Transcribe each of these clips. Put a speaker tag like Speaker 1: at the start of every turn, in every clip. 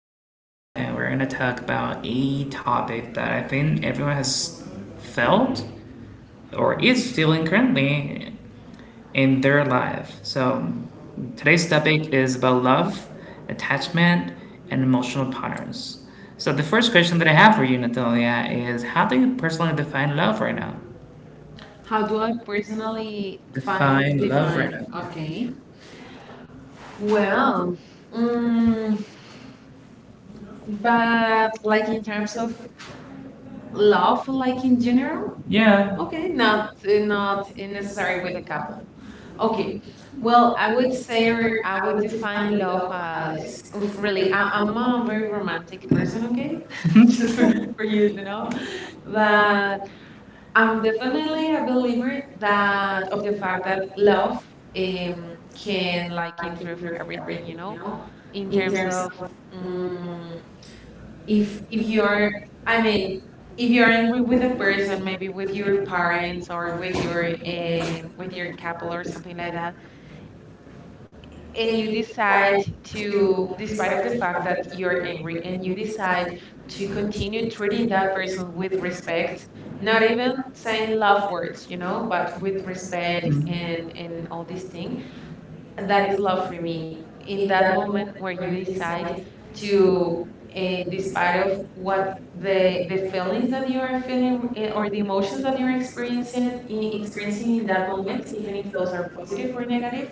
Speaker 1: Natalia, and we're gonna talk about a topic that I think everyone has felt or is feeling currently in their life. So today's topic is about love, attachment, and emotional patterns. So the first question that I have for you, Natalia, is how do you personally define love right now?
Speaker 2: How do I personally find like,
Speaker 1: Define love right
Speaker 2: define?
Speaker 1: now.
Speaker 2: Okay.
Speaker 1: Okay. Well,
Speaker 2: Well, mm,
Speaker 1: mm, but
Speaker 2: but like in terms of
Speaker 1: Love,
Speaker 2: love, like
Speaker 1: like
Speaker 2: in
Speaker 1: in
Speaker 2: general,
Speaker 1: general? Yeah.
Speaker 2: okay,
Speaker 1: Okay, not Not.
Speaker 2: not
Speaker 1: Know.
Speaker 2: necessary with a couple. Okay.
Speaker 1: Oh,
Speaker 2: Well,
Speaker 1: well,
Speaker 2: I
Speaker 1: I
Speaker 2: would
Speaker 1: would
Speaker 2: say
Speaker 1: say
Speaker 2: or I
Speaker 1: I
Speaker 2: would
Speaker 1: would
Speaker 2: define
Speaker 1: define
Speaker 2: love
Speaker 1: love
Speaker 2: as
Speaker 1: as
Speaker 2: of
Speaker 1: of
Speaker 2: really.
Speaker 1: really. I,
Speaker 2: I'm
Speaker 1: I'm
Speaker 2: a very romantic
Speaker 1: is
Speaker 2: person. Okay,
Speaker 1: okay?
Speaker 2: just
Speaker 1: Just
Speaker 2: for
Speaker 1: for
Speaker 2: you
Speaker 1: you,
Speaker 2: to
Speaker 1: you
Speaker 2: know,
Speaker 1: know.
Speaker 2: but I'm definitely
Speaker 1: Really,
Speaker 2: a
Speaker 1: a
Speaker 2: believer
Speaker 1: believer
Speaker 2: that of the fact that love can like improve everything, you
Speaker 1: you
Speaker 2: know,
Speaker 1: know,
Speaker 2: in
Speaker 1: in
Speaker 2: terms
Speaker 1: terms
Speaker 2: of
Speaker 1: mm
Speaker 2: um, if
Speaker 1: if
Speaker 2: if
Speaker 1: if you're
Speaker 2: you're, I mean,
Speaker 1: in, if
Speaker 2: if you're
Speaker 1: you're in
Speaker 2: angry
Speaker 1: love
Speaker 2: with
Speaker 1: with
Speaker 2: a
Speaker 1: a
Speaker 2: person, maybe with your
Speaker 1: your partner,
Speaker 2: parents or with your couple or something like that, and
Speaker 1: if
Speaker 2: you decide
Speaker 1: you
Speaker 2: to despite of the fact that you're angry and you decide to continue treating that person with respect, not
Speaker 1: know
Speaker 2: even saying love words, you know, but with
Speaker 1: and,
Speaker 2: respect
Speaker 1: Mhm. and,
Speaker 2: and
Speaker 1: and all
Speaker 2: all this
Speaker 1: these
Speaker 2: thing.
Speaker 1: things,
Speaker 2: That
Speaker 1: that
Speaker 2: is
Speaker 1: is
Speaker 2: love
Speaker 1: love
Speaker 2: for
Speaker 1: for
Speaker 2: me,
Speaker 1: me.
Speaker 2: in
Speaker 1: In
Speaker 2: that
Speaker 1: that
Speaker 2: moment where you
Speaker 1: really
Speaker 2: decide
Speaker 1: side
Speaker 2: to
Speaker 1: to
Speaker 2: despite of what
Speaker 1: the
Speaker 2: the feelings that you
Speaker 1: you
Speaker 2: are
Speaker 1: are
Speaker 2: feeling,
Speaker 1: feeling
Speaker 2: or the emotions
Speaker 1: emotions
Speaker 2: that
Speaker 1: that
Speaker 2: you're
Speaker 1: you're
Speaker 2: experiencing
Speaker 1: experiencing in
Speaker 2: experiencing
Speaker 1: experiencing
Speaker 2: in
Speaker 1: in
Speaker 2: that
Speaker 1: that
Speaker 2: moment,
Speaker 1: moment,
Speaker 2: even
Speaker 1: even
Speaker 2: if
Speaker 1: if
Speaker 2: those
Speaker 1: it's
Speaker 2: are positive
Speaker 1: positive
Speaker 2: or negative.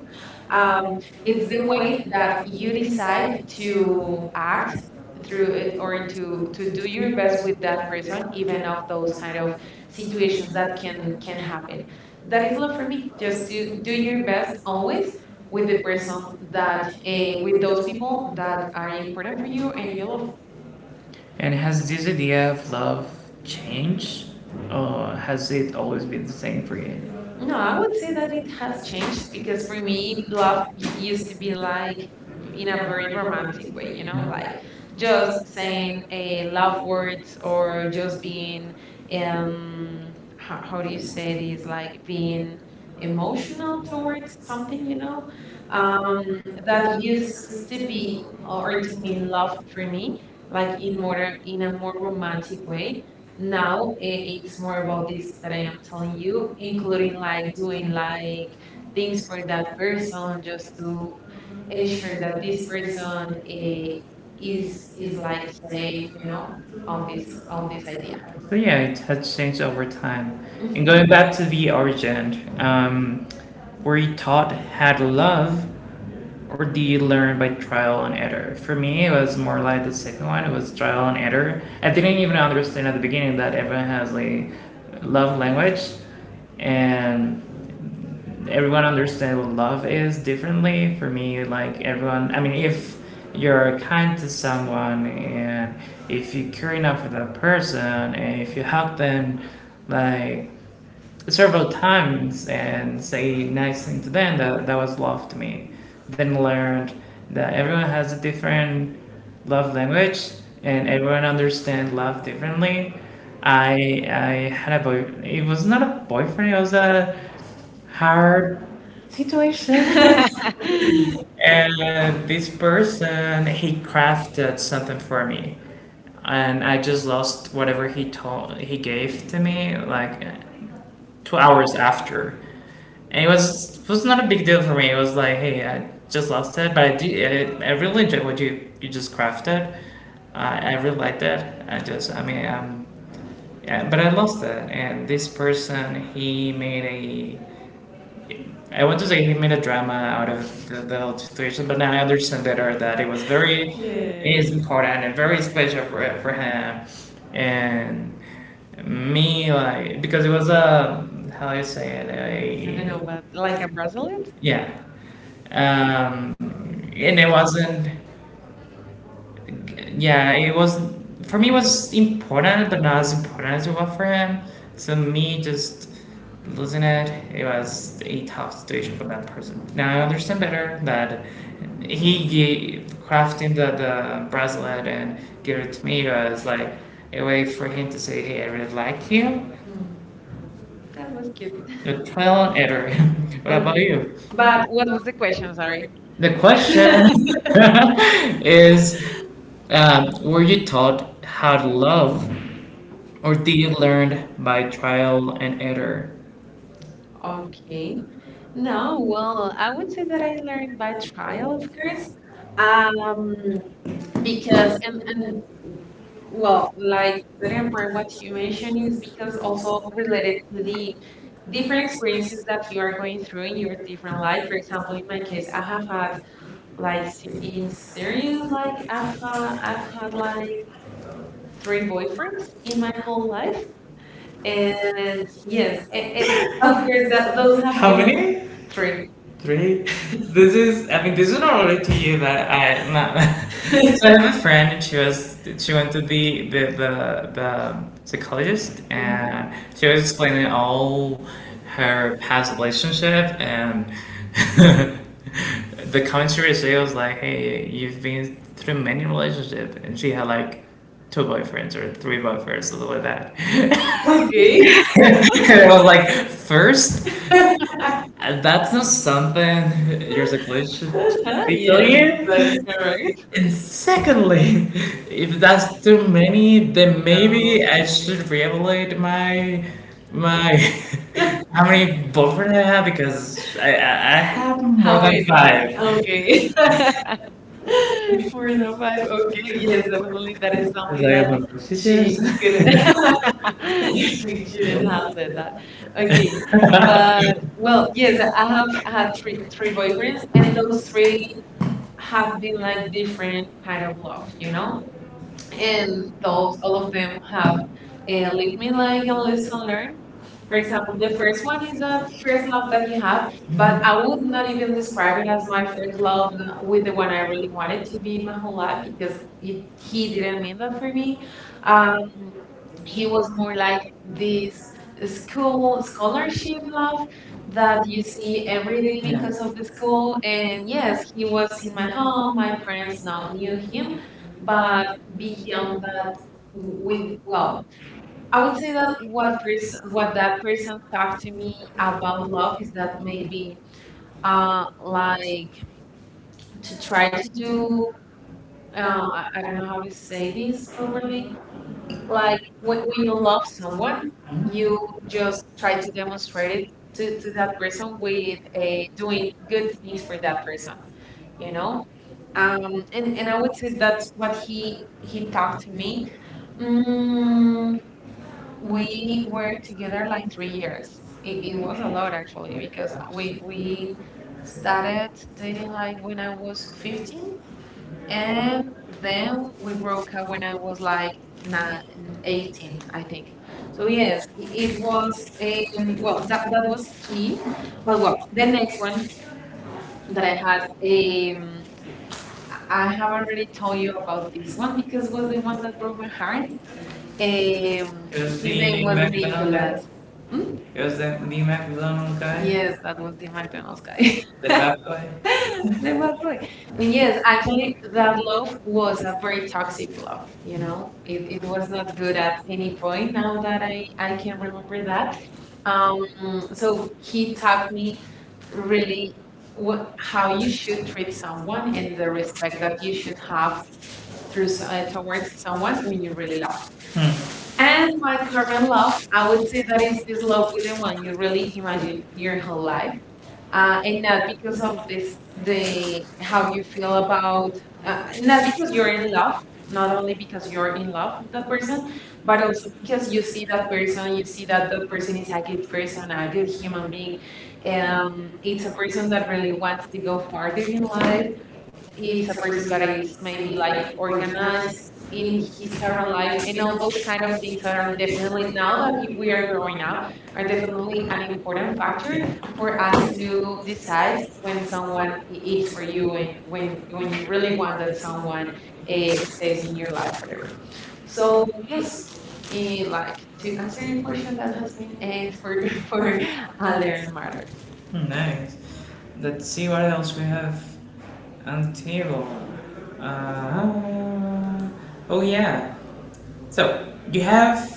Speaker 2: um, it's
Speaker 1: it's
Speaker 2: the
Speaker 1: the
Speaker 2: way
Speaker 1: way
Speaker 2: that
Speaker 1: that
Speaker 2: you
Speaker 1: you
Speaker 2: decide
Speaker 1: decide
Speaker 2: to act through
Speaker 1: through
Speaker 2: it or
Speaker 1: to
Speaker 2: to do
Speaker 1: to
Speaker 2: your best
Speaker 1: progress
Speaker 2: with
Speaker 1: with
Speaker 2: that person, even of those kind of situations that
Speaker 1: and
Speaker 2: can
Speaker 1: can,
Speaker 2: happen. That
Speaker 1: that
Speaker 2: is
Speaker 1: is
Speaker 2: love
Speaker 1: not
Speaker 2: for
Speaker 1: for
Speaker 2: me.
Speaker 1: me.
Speaker 2: Just
Speaker 1: Just
Speaker 2: to
Speaker 1: do
Speaker 2: do
Speaker 1: do
Speaker 2: your
Speaker 1: your
Speaker 2: best
Speaker 1: best
Speaker 2: always
Speaker 1: always
Speaker 2: with
Speaker 1: with
Speaker 2: the
Speaker 1: the
Speaker 2: person
Speaker 1: person
Speaker 2: that
Speaker 1: that
Speaker 2: with
Speaker 1: with
Speaker 2: those
Speaker 1: those
Speaker 2: people
Speaker 1: people
Speaker 2: that
Speaker 1: that
Speaker 2: are
Speaker 1: are
Speaker 2: important
Speaker 1: important
Speaker 2: for
Speaker 1: for you
Speaker 2: you and
Speaker 1: and
Speaker 2: you
Speaker 1: you
Speaker 2: love.
Speaker 1: know. And has this idea of love changed, or has it always been the same for you?
Speaker 2: No,
Speaker 1: No,
Speaker 2: I
Speaker 1: I
Speaker 2: would
Speaker 1: would
Speaker 2: say
Speaker 1: say
Speaker 2: that
Speaker 1: that
Speaker 2: it
Speaker 1: it
Speaker 2: has
Speaker 1: has
Speaker 2: changed
Speaker 1: changed
Speaker 2: because
Speaker 1: because
Speaker 2: for
Speaker 1: for me,
Speaker 2: me,
Speaker 1: you,
Speaker 2: used to be like in
Speaker 1: in
Speaker 2: a very romantic way, you
Speaker 1: equate
Speaker 2: know, like just
Speaker 1: justice
Speaker 2: saying a love words or just being
Speaker 1: and
Speaker 2: how do you
Speaker 1: you
Speaker 2: say this?
Speaker 1: say
Speaker 2: Like
Speaker 1: being
Speaker 2: being
Speaker 1: immoral.
Speaker 2: emotional towards something, you know, um,
Speaker 1: Um,
Speaker 2: that
Speaker 1: that
Speaker 2: used
Speaker 1: used
Speaker 2: to
Speaker 1: to
Speaker 2: be
Speaker 1: be
Speaker 2: or
Speaker 1: or
Speaker 2: to
Speaker 1: to
Speaker 2: mean
Speaker 1: mean
Speaker 2: love for me, like in more in a more romantic way. now
Speaker 1: now
Speaker 2: i- it's more about this that I am telling you, including
Speaker 1: including
Speaker 2: like doing like things for that person just to ensure
Speaker 1: ensure
Speaker 2: that
Speaker 1: that
Speaker 2: this
Speaker 1: this person
Speaker 2: person, is is
Speaker 1: is
Speaker 2: like
Speaker 1: like
Speaker 2: safe,
Speaker 1: you
Speaker 2: you know,
Speaker 1: know
Speaker 2: of
Speaker 1: of its own.
Speaker 2: this idea.
Speaker 1: So yeah, it has changed over time. Mm-hmm. And
Speaker 2: Mhm.
Speaker 1: going back to the origin, where he taught how to love or do you learn by trial and error? For me, it was more like the second one. It was trial and error. I didn't even understand at the beginning that everyone has a love language, and everyone understands what love is differently. For me, like everyone, I mean, if you're kind to someone and if you care enough for that person and if you help them, like several times and say nice things to them that, that was love to me then learned that everyone has a different love language and everyone understands love differently. I i had a boy it was not a boyfriend it was a hard and this person he crafted something for me and I just lost whatever he told he gave to me. Like 2 hours after, and it was not a big deal for me. It was like, hey, I just lost it, but I did, I really enjoyed what you just crafted. I really liked it. I just I mean yeah, but I lost it, and this person he made a I want to say he made a drama out of the whole situation, but now I understand better that it was very it
Speaker 2: Yeah.
Speaker 1: is important and very special for him and me like because it was a how do you say
Speaker 2: I don't know,
Speaker 1: it
Speaker 2: but like
Speaker 1: a
Speaker 2: a bracelet?
Speaker 1: yeah and it wasn't yeah, it was for me it was important, but not as important as it was for him. So me just losing it, it was a tough situation for that person. Now I understand better that he gave, crafting the bracelet and gave it to me was like a way for him to say, "Hey, I really like you."
Speaker 2: Hmm, that was cute.
Speaker 1: The trial and error. what about
Speaker 2: Okay.
Speaker 1: you?
Speaker 2: But what was the question? Sorry.
Speaker 1: The question is were you taught how to love, or did you learn by trial and error?
Speaker 2: Okay.
Speaker 1: Okay. No,
Speaker 2: No,
Speaker 1: no.
Speaker 2: well, I would say that I learned by trial, of
Speaker 1: I'm
Speaker 2: course.
Speaker 1: first,
Speaker 2: Um,
Speaker 1: um,
Speaker 2: because
Speaker 1: because
Speaker 2: and well,
Speaker 1: well,
Speaker 2: like certain part what you mentioned
Speaker 1: situation
Speaker 2: is because
Speaker 1: is
Speaker 2: also related to the different
Speaker 1: different.
Speaker 2: experiences that you are going through in your different life. For example, in my case, I have had in
Speaker 1: Is
Speaker 2: serious like I've had like three boyfriends in my whole life,
Speaker 1: and
Speaker 2: and yes,
Speaker 1: yeah,
Speaker 2: and of course that those
Speaker 1: those
Speaker 2: have
Speaker 1: How
Speaker 2: been
Speaker 1: many?
Speaker 2: three.
Speaker 1: Three. This is. I mean, this is not only to you, but I. Not, so I have a friend, and she was. She went to the psychologist,
Speaker 2: Mhm.
Speaker 1: and she was explaining all her past relationship, and the commentary she was like, "Hey, you've been through many relationships," and she had like two boyfriends or three boyfriends, something like that. Okay.
Speaker 2: Okay.
Speaker 1: And I was like, first, that's not something you're supposed
Speaker 2: Uh-huh.
Speaker 1: to be
Speaker 2: Yes,
Speaker 1: clear.
Speaker 2: that is correct.
Speaker 1: And secondly, if that's too many, then
Speaker 2: No.
Speaker 1: maybe I should reevaluate my my how many boyfriends I have because I have
Speaker 2: How
Speaker 1: more than
Speaker 2: many?
Speaker 1: five.
Speaker 2: Okay. More than five. Okay. Yes,
Speaker 1: Yes,
Speaker 2: definitely. That is something that she couldn't. She shouldn't
Speaker 1: okay.
Speaker 2: have said that. Okay. But well, yes, I have had three boyfriends,
Speaker 1: I
Speaker 2: and those
Speaker 1: don't
Speaker 2: three have been like
Speaker 1: like
Speaker 2: different kind of love. You know, and those all of them have
Speaker 1: have a
Speaker 2: lead me
Speaker 1: LinkedIn
Speaker 2: like
Speaker 1: line in
Speaker 2: and
Speaker 1: the
Speaker 2: listen
Speaker 1: listener.
Speaker 2: learn.
Speaker 1: For
Speaker 2: For example,
Speaker 1: example,
Speaker 2: the
Speaker 1: the
Speaker 2: first
Speaker 1: first
Speaker 2: one
Speaker 1: one
Speaker 2: is
Speaker 1: is
Speaker 2: that
Speaker 1: the
Speaker 2: first
Speaker 1: first
Speaker 2: love
Speaker 1: love
Speaker 2: that
Speaker 1: that
Speaker 2: you
Speaker 1: we
Speaker 2: have,
Speaker 1: have,
Speaker 2: but
Speaker 1: but
Speaker 2: I
Speaker 1: I
Speaker 2: would
Speaker 1: would
Speaker 2: not
Speaker 1: not
Speaker 2: even
Speaker 1: even
Speaker 2: describe it
Speaker 1: describe
Speaker 2: as my first love, with
Speaker 1: with
Speaker 2: the one I really wanted to be
Speaker 1: being
Speaker 2: my
Speaker 1: a whole
Speaker 2: whole life
Speaker 1: life
Speaker 2: because
Speaker 1: because
Speaker 2: it,
Speaker 1: it
Speaker 2: he
Speaker 1: hit,
Speaker 2: didn't mean that for me. um, he
Speaker 1: hit
Speaker 2: was more like this
Speaker 1: this
Speaker 2: school
Speaker 1: role
Speaker 2: scholarship love that
Speaker 1: that
Speaker 2: you
Speaker 1: you
Speaker 2: see
Speaker 1: see
Speaker 2: every
Speaker 1: every
Speaker 2: day
Speaker 1: day. Yeah.
Speaker 2: because of the school. And yes, he was in my home. My parents now knew him, but
Speaker 1: But be,
Speaker 2: beyond that, w- with
Speaker 1: with
Speaker 2: well, I would
Speaker 1: without
Speaker 2: say that what that person talked to me
Speaker 1: me
Speaker 2: about love is that maybe uh like to
Speaker 1: to
Speaker 2: try to do,
Speaker 1: do
Speaker 2: I don't know how to say this
Speaker 1: this for
Speaker 2: properly,
Speaker 1: me,
Speaker 2: like
Speaker 1: like when,
Speaker 2: when you
Speaker 1: you,
Speaker 2: love someone, you
Speaker 1: you just
Speaker 2: just try to demonstrate it to that person with
Speaker 1: to
Speaker 2: doing good
Speaker 1: get
Speaker 2: things
Speaker 1: for
Speaker 2: for that
Speaker 1: that.
Speaker 2: person, you know? And I
Speaker 1: And
Speaker 2: would say that's what he talked to me. Mm,
Speaker 1: mm,
Speaker 2: we
Speaker 1: we
Speaker 2: were
Speaker 1: were
Speaker 2: together like three years. It was a lot actually because we
Speaker 1: we start staff
Speaker 2: started dating like when I was 15,
Speaker 1: and
Speaker 2: and then we broke up when I was like nine, 18,
Speaker 1: 18.
Speaker 2: I think.
Speaker 1: So
Speaker 2: So
Speaker 1: we,
Speaker 2: yes,
Speaker 1: it
Speaker 2: it
Speaker 1: was,
Speaker 2: was,
Speaker 1: in- well,
Speaker 2: well
Speaker 1: that
Speaker 2: that was
Speaker 1: was
Speaker 2: he,
Speaker 1: key,
Speaker 2: but
Speaker 1: but
Speaker 2: well the next one
Speaker 1: one
Speaker 2: that I
Speaker 1: that
Speaker 2: had,
Speaker 1: I,
Speaker 2: I have already told you about this one because
Speaker 1: because
Speaker 2: it was
Speaker 1: was
Speaker 2: the
Speaker 1: the
Speaker 2: one
Speaker 1: one,
Speaker 2: that broke my heart.
Speaker 1: eh, Eu
Speaker 2: His
Speaker 1: sim,
Speaker 2: name was
Speaker 1: remember McDonald's. The-
Speaker 2: Nicholas. Mm?
Speaker 1: Hmm? Eu McDonald's, cara.
Speaker 2: Yes,
Speaker 1: Yeah,
Speaker 2: that was the McDonald's guy.
Speaker 1: Agora.
Speaker 2: The bad boy. And
Speaker 1: And
Speaker 2: yes,
Speaker 1: yeah,
Speaker 2: actually, that love was
Speaker 1: that's
Speaker 2: a very
Speaker 1: very
Speaker 2: toxic
Speaker 1: toxic
Speaker 2: love,
Speaker 1: love, you
Speaker 2: you
Speaker 1: know,
Speaker 2: know.
Speaker 1: it,
Speaker 2: It
Speaker 1: it
Speaker 2: was
Speaker 1: was
Speaker 2: not
Speaker 1: not
Speaker 2: good
Speaker 1: good
Speaker 2: at
Speaker 1: at
Speaker 2: any
Speaker 1: any
Speaker 2: point
Speaker 1: point.
Speaker 2: now that I can remember that. Um, so
Speaker 1: So
Speaker 2: he
Speaker 1: he
Speaker 2: taught
Speaker 1: taught
Speaker 2: me
Speaker 1: me
Speaker 2: really what, how
Speaker 1: how
Speaker 2: you
Speaker 1: you
Speaker 2: should
Speaker 1: should
Speaker 2: treat someone and the respect that you should have
Speaker 1: do
Speaker 2: through
Speaker 1: stuff.
Speaker 2: towards someone when you really love.
Speaker 1: Hmm. And
Speaker 2: And my current love, I would say that is this love with the one you really imagine your whole life, and not because of this
Speaker 1: the
Speaker 2: the how you feel about, not because you're in love not only because you're in love with that person, but also because you see that person, you see that that person is a good person, a good
Speaker 1: It's
Speaker 2: human being, it's a person that really wants to go farther in life,
Speaker 1: a
Speaker 2: it's a person
Speaker 1: person
Speaker 2: that
Speaker 1: that
Speaker 2: is
Speaker 1: is
Speaker 2: maybe
Speaker 1: maybe
Speaker 2: like
Speaker 1: like
Speaker 2: organized
Speaker 1: organized
Speaker 2: in
Speaker 1: in
Speaker 2: his
Speaker 1: his
Speaker 2: current
Speaker 1: current
Speaker 2: life,
Speaker 1: life,
Speaker 2: and
Speaker 1: and
Speaker 2: all
Speaker 1: all
Speaker 2: those
Speaker 1: these
Speaker 2: kind
Speaker 1: kind
Speaker 2: of
Speaker 1: of
Speaker 2: things
Speaker 1: things
Speaker 2: are
Speaker 1: are
Speaker 2: definitely,
Speaker 1: definitely
Speaker 2: now
Speaker 1: now
Speaker 2: that
Speaker 1: that
Speaker 2: we
Speaker 1: we-
Speaker 2: are
Speaker 1: are
Speaker 2: growing
Speaker 1: growing
Speaker 2: up,
Speaker 1: up
Speaker 2: are
Speaker 1: are
Speaker 2: definitely
Speaker 1: definitely
Speaker 2: an
Speaker 1: an
Speaker 2: important
Speaker 1: important
Speaker 2: factor
Speaker 1: factor
Speaker 2: for
Speaker 1: for
Speaker 2: us
Speaker 1: us
Speaker 2: to
Speaker 1: to
Speaker 2: decide
Speaker 1: decide
Speaker 2: when
Speaker 1: when
Speaker 2: someone
Speaker 1: someone
Speaker 2: it's
Speaker 1: is
Speaker 2: for
Speaker 1: for you
Speaker 2: you and
Speaker 1: when
Speaker 2: when
Speaker 1: when
Speaker 2: you
Speaker 1: you.
Speaker 2: really want that someone, stays in your life forever. So yes, like to answer
Speaker 1: Answer
Speaker 2: your
Speaker 1: your
Speaker 2: question,
Speaker 1: question.
Speaker 2: that has been, for for a learned matter.
Speaker 1: Nice. Let's see what else we have on the table. Uh, oh yeah. So you have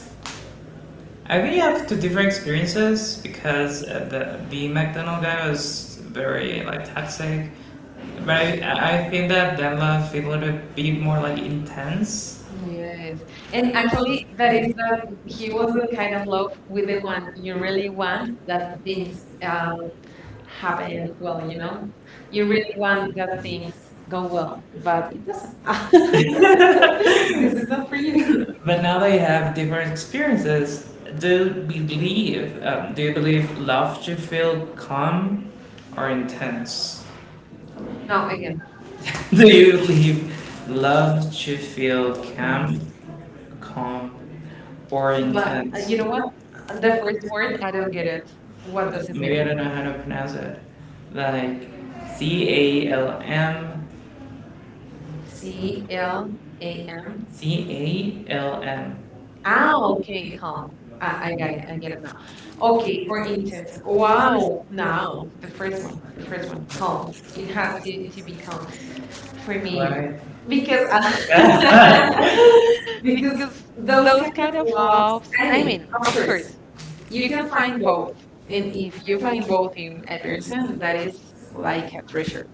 Speaker 1: I really have two different experiences because the McDonald guy was very like toxic, but I think that Dan love feel a little bit more like intense.
Speaker 2: Yes. And actually, that
Speaker 1: But
Speaker 2: is that
Speaker 1: it's,
Speaker 2: he
Speaker 1: it
Speaker 2: was
Speaker 1: was
Speaker 2: the
Speaker 1: really
Speaker 2: kind of love with the one you really want
Speaker 1: fun.
Speaker 2: that things,
Speaker 1: Things
Speaker 2: um,
Speaker 1: happen as
Speaker 2: happen well,
Speaker 1: well,
Speaker 2: you
Speaker 1: you
Speaker 2: know?
Speaker 1: know?
Speaker 2: You
Speaker 1: You
Speaker 2: really
Speaker 1: really
Speaker 2: want
Speaker 1: want
Speaker 2: that
Speaker 1: the
Speaker 2: things
Speaker 1: things go
Speaker 2: go well,
Speaker 1: well.
Speaker 2: but
Speaker 1: But
Speaker 2: it doesn't.
Speaker 1: this
Speaker 2: Because it's
Speaker 1: is
Speaker 2: not
Speaker 1: not for
Speaker 2: for you.
Speaker 1: you. But now that you have different experiences, do you believe love should feel calm or intense? No,
Speaker 2: No,
Speaker 1: I
Speaker 2: again.
Speaker 1: do you leave love to feel calm,
Speaker 2: Oh, okay.
Speaker 1: calm, or
Speaker 2: But
Speaker 1: But intense?
Speaker 2: you know
Speaker 1: You
Speaker 2: what?
Speaker 1: know what?
Speaker 2: The
Speaker 1: That
Speaker 2: first word, I don't get it. What does it mean?
Speaker 1: maybe I don't know how to pronounce it. Like C A L M
Speaker 2: C
Speaker 1: C A.
Speaker 2: L A M.
Speaker 1: C A L
Speaker 2: Ah, okay, calm.
Speaker 1: M.
Speaker 2: I got it. I get it now. Okay,
Speaker 1: Okay,
Speaker 2: or
Speaker 1: or
Speaker 2: intense.
Speaker 1: intense. Oh.
Speaker 2: Wow. Now the first one. The first one. Calm. It has to be calm for
Speaker 1: For me,
Speaker 2: me
Speaker 1: right?
Speaker 2: because
Speaker 1: Because
Speaker 2: I, because
Speaker 1: because
Speaker 2: those
Speaker 1: those
Speaker 2: kind
Speaker 1: kind
Speaker 2: of
Speaker 1: of
Speaker 2: loves.
Speaker 1: loves.
Speaker 2: I
Speaker 1: I
Speaker 2: mean,
Speaker 1: mean, of
Speaker 2: of course,
Speaker 1: course,
Speaker 2: you
Speaker 1: you
Speaker 2: can
Speaker 1: can find
Speaker 2: find both,
Speaker 1: gold
Speaker 2: and
Speaker 1: and
Speaker 2: if
Speaker 1: if
Speaker 2: you
Speaker 1: you find
Speaker 2: find both in a
Speaker 1: something
Speaker 2: person, that
Speaker 1: that's
Speaker 2: is like
Speaker 1: like
Speaker 2: a treasure.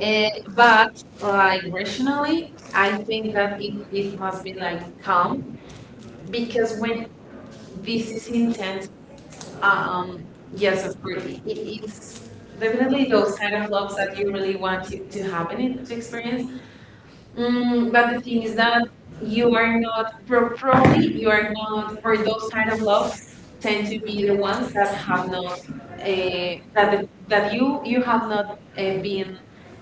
Speaker 2: Eh, but like rationally, I
Speaker 1: I
Speaker 2: think
Speaker 1: think
Speaker 2: that
Speaker 1: that it,
Speaker 2: it
Speaker 1: it
Speaker 2: must
Speaker 1: must
Speaker 2: be
Speaker 1: be
Speaker 2: like
Speaker 1: like
Speaker 2: calm
Speaker 1: calm
Speaker 2: because
Speaker 1: because
Speaker 2: when
Speaker 1: when
Speaker 2: this
Speaker 1: this
Speaker 2: is
Speaker 1: is intense,
Speaker 2: intense.
Speaker 1: um,
Speaker 2: Um, yes,
Speaker 1: yes,
Speaker 2: of
Speaker 1: of
Speaker 2: course.
Speaker 1: course, it's the way
Speaker 2: Definitely those kind of loves that
Speaker 1: that
Speaker 2: you
Speaker 1: you
Speaker 2: really
Speaker 1: really
Speaker 2: want
Speaker 1: want it
Speaker 2: to
Speaker 1: to
Speaker 2: happen and
Speaker 1: happen
Speaker 2: to
Speaker 1: to
Speaker 2: experience.
Speaker 1: experience.
Speaker 2: Mm,
Speaker 1: Mm,
Speaker 2: but
Speaker 1: but
Speaker 2: the
Speaker 1: the
Speaker 2: thing
Speaker 1: thing
Speaker 2: is
Speaker 1: is,
Speaker 2: that
Speaker 1: you
Speaker 2: you are not, probably
Speaker 1: probably
Speaker 2: you
Speaker 1: you
Speaker 2: are
Speaker 1: are
Speaker 2: not,
Speaker 1: not for
Speaker 2: or
Speaker 1: to
Speaker 2: those kind of loves tend to
Speaker 1: be
Speaker 2: be the
Speaker 1: the
Speaker 2: ones
Speaker 1: ones
Speaker 2: that
Speaker 1: that
Speaker 2: have not,
Speaker 1: uh,
Speaker 2: uh, that the, that you have not, been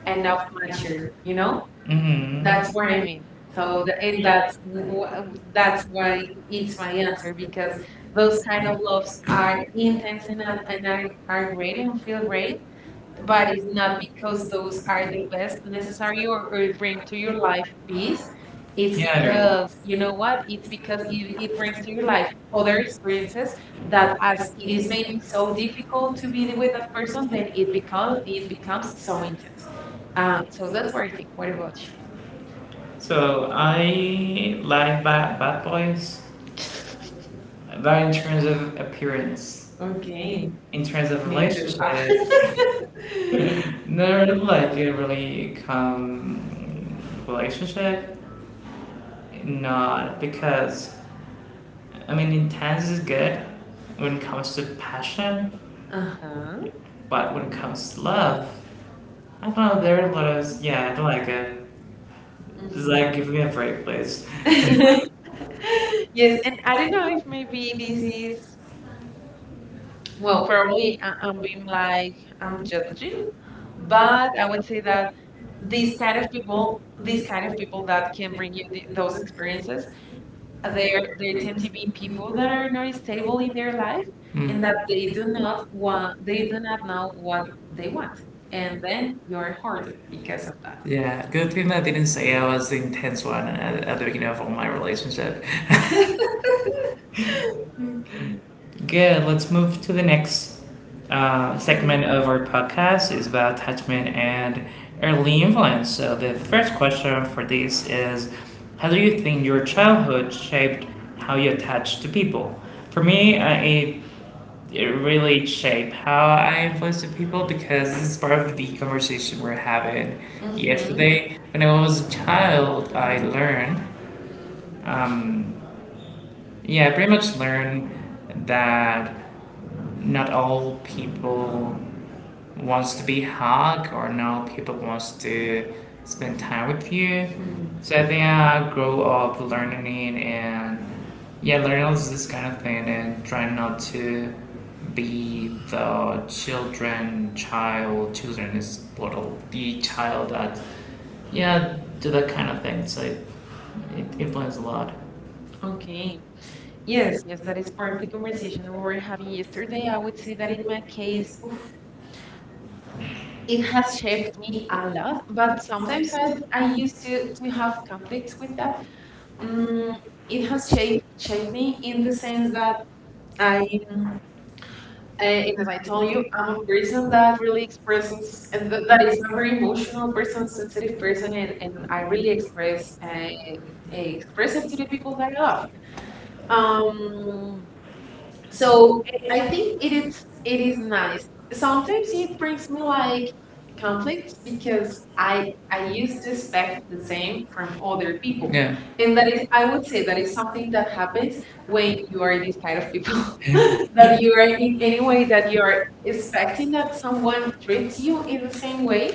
Speaker 2: enough mature,
Speaker 1: here.
Speaker 2: you know?
Speaker 1: Mm-hmm.
Speaker 2: That's
Speaker 1: That
Speaker 2: what I mean. So, the, and that's that's why it's my answer, because those
Speaker 1: the
Speaker 2: kind of loves are intense
Speaker 1: intense.
Speaker 2: and, are great and feel great, but it's not because those are the best necessary, or it bring to your life peace. It's
Speaker 1: It's Yeah, I agree.
Speaker 2: because you know what? It's because it brings to your life other experiences that,
Speaker 1: That
Speaker 2: as it is
Speaker 1: is
Speaker 2: maybe
Speaker 1: made
Speaker 2: so difficult to
Speaker 1: to be
Speaker 2: be
Speaker 1: the
Speaker 2: with
Speaker 1: way
Speaker 2: that
Speaker 1: that
Speaker 2: person, then it
Speaker 1: it
Speaker 2: becomes
Speaker 1: comes. So
Speaker 2: so intense. So
Speaker 1: So
Speaker 2: that's
Speaker 1: that's
Speaker 2: what I think. What
Speaker 1: where do I-
Speaker 2: about you?
Speaker 1: So I like bad, bad boys, but in terms of appearance,
Speaker 2: Okay.
Speaker 1: in terms of
Speaker 2: Me too.
Speaker 1: relationships,
Speaker 2: Ah.
Speaker 1: never like a really calm relationship. Not because I mean intense is good when it comes to passion,
Speaker 2: Uh-huh.
Speaker 1: but when it comes to love, I don't know there are a lot of yeah I don't like it. It's
Speaker 2: Mhm.
Speaker 1: like give me a break, please.
Speaker 2: Yes,
Speaker 1: Yes,
Speaker 2: and I don't know if maybe
Speaker 1: cardiovascular
Speaker 2: this
Speaker 1: disease,
Speaker 2: is, well, probably I'm being like, I'm judging,
Speaker 1: but
Speaker 2: but I would say that
Speaker 1: this,
Speaker 2: these
Speaker 1: this,
Speaker 2: kind of people that can bring you th those experiences, they they tend to be people that are not stable in their life and
Speaker 1: mm. And
Speaker 2: that
Speaker 1: they do not,
Speaker 2: they
Speaker 1: they
Speaker 2: do
Speaker 1: do
Speaker 2: not
Speaker 1: not
Speaker 2: know
Speaker 1: know
Speaker 2: what
Speaker 1: what
Speaker 2: they
Speaker 1: they
Speaker 2: want.
Speaker 1: want.
Speaker 2: And
Speaker 1: And
Speaker 2: then
Speaker 1: then
Speaker 2: you
Speaker 1: you
Speaker 2: are
Speaker 1: are
Speaker 2: hurted
Speaker 1: horny
Speaker 2: because
Speaker 1: because
Speaker 2: of
Speaker 1: of
Speaker 2: that.
Speaker 1: that. Yeah, good thing that I didn't say I was the intense one at the beginning of all my relationship.
Speaker 2: Okay.
Speaker 1: Good, let's move to the next
Speaker 2: Sure.
Speaker 1: segment of our podcast is about attachment and early influence. So the first question for this is, how do you think your childhood shaped how you attach to people? For me, it it really shaped how I influence the people because this is part of the conversation we're having
Speaker 2: Mm-hmm.
Speaker 1: yesterday. When I was a child, I learned, um, yeah, I pretty much learned that not all people wants to be hug or not all people wants to spend time with you. So I think I grow up learning and yeah, learning all this kind of thing and trying not to be the children, child, children is plural, the child that yeah, do that kind of thing. So it influences a lot.
Speaker 2: Okay. Yes, yes, that is part of the conversation we were having yesterday. I would say that in my case, oof, it
Speaker 1: In
Speaker 2: has shaped me a lot, but sometimes I
Speaker 1: I
Speaker 2: used
Speaker 1: used
Speaker 2: to
Speaker 1: to
Speaker 2: have
Speaker 1: have
Speaker 2: conflicts with that.
Speaker 1: um,
Speaker 2: Mm, it has shaped me in
Speaker 1: in
Speaker 2: the
Speaker 1: the
Speaker 2: sense
Speaker 1: sense
Speaker 2: that
Speaker 1: that
Speaker 2: I
Speaker 1: the
Speaker 2: and as I told you, I'm a
Speaker 1: reason
Speaker 2: person that really expresses, and that
Speaker 1: that is
Speaker 2: is
Speaker 1: not
Speaker 2: a very
Speaker 1: very emotional.
Speaker 2: emotional person, sensitive person, and I really express, express it to the people that I love.
Speaker 1: Um,
Speaker 2: Um, so
Speaker 1: so
Speaker 2: I
Speaker 1: I
Speaker 2: think
Speaker 1: think
Speaker 2: it is
Speaker 1: it, it
Speaker 2: it is
Speaker 1: is
Speaker 2: nice. Sometimes it brings me like conflicts because
Speaker 1: because
Speaker 2: I used to expect the same from other
Speaker 1: people
Speaker 2: people,
Speaker 1: Yeah.
Speaker 2: and
Speaker 1: and
Speaker 2: that
Speaker 1: that
Speaker 2: is, I would say that is something that happens when
Speaker 1: way
Speaker 2: you
Speaker 1: you
Speaker 2: are
Speaker 1: are this
Speaker 2: this kind
Speaker 1: kind
Speaker 2: of
Speaker 1: of
Speaker 2: people
Speaker 1: people
Speaker 2: that
Speaker 1: that
Speaker 2: you
Speaker 1: you
Speaker 2: are
Speaker 1: are
Speaker 2: in
Speaker 1: in
Speaker 2: any way
Speaker 1: anyone
Speaker 2: that you
Speaker 1: you
Speaker 2: are
Speaker 1: are
Speaker 2: expecting
Speaker 1: expecting
Speaker 2: that someone
Speaker 1: someone
Speaker 2: treats you in the same way,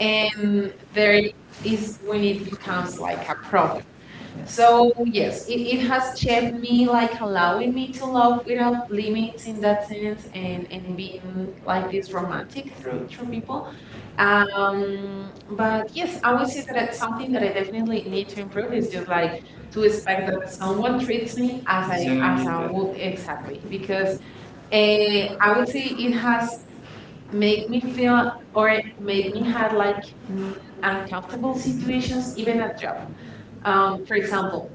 Speaker 2: and
Speaker 1: and
Speaker 2: there is
Speaker 1: it's
Speaker 2: when
Speaker 1: when
Speaker 2: it
Speaker 1: it becomes
Speaker 2: becomes like a problem. So
Speaker 1: so
Speaker 2: yes,
Speaker 1: yes it,
Speaker 2: it
Speaker 1: it
Speaker 2: has shaped
Speaker 1: has
Speaker 2: me
Speaker 1: been
Speaker 2: like
Speaker 1: like
Speaker 2: allowing
Speaker 1: allowing
Speaker 2: me
Speaker 1: me
Speaker 2: to love without limits in that sense, and being
Speaker 1: and
Speaker 2: like this romantic through
Speaker 1: for
Speaker 2: through people.
Speaker 1: people and
Speaker 2: But yes, I would say that it's something that I definitely need to improve is just
Speaker 1: to
Speaker 2: like to expect
Speaker 1: expect
Speaker 2: that
Speaker 1: that
Speaker 2: someone
Speaker 1: someone
Speaker 2: treats
Speaker 1: treats
Speaker 2: me
Speaker 1: me
Speaker 2: as
Speaker 1: as I
Speaker 2: I
Speaker 1: Yeah,
Speaker 2: as
Speaker 1: as
Speaker 2: I
Speaker 1: yeah. I
Speaker 2: would
Speaker 1: would
Speaker 2: exactly. Because uh,
Speaker 1: and
Speaker 2: I would say it has made
Speaker 1: make
Speaker 2: me
Speaker 1: me
Speaker 2: feel
Speaker 1: feel,
Speaker 2: or make
Speaker 1: make
Speaker 2: me
Speaker 1: me
Speaker 2: had
Speaker 1: have
Speaker 2: like mm, uncomfortable
Speaker 1: uncomfortable
Speaker 2: situations
Speaker 1: situations,
Speaker 2: even
Speaker 1: even
Speaker 2: at
Speaker 1: at
Speaker 2: job.
Speaker 1: job. For
Speaker 2: For
Speaker 1: example,
Speaker 2: example,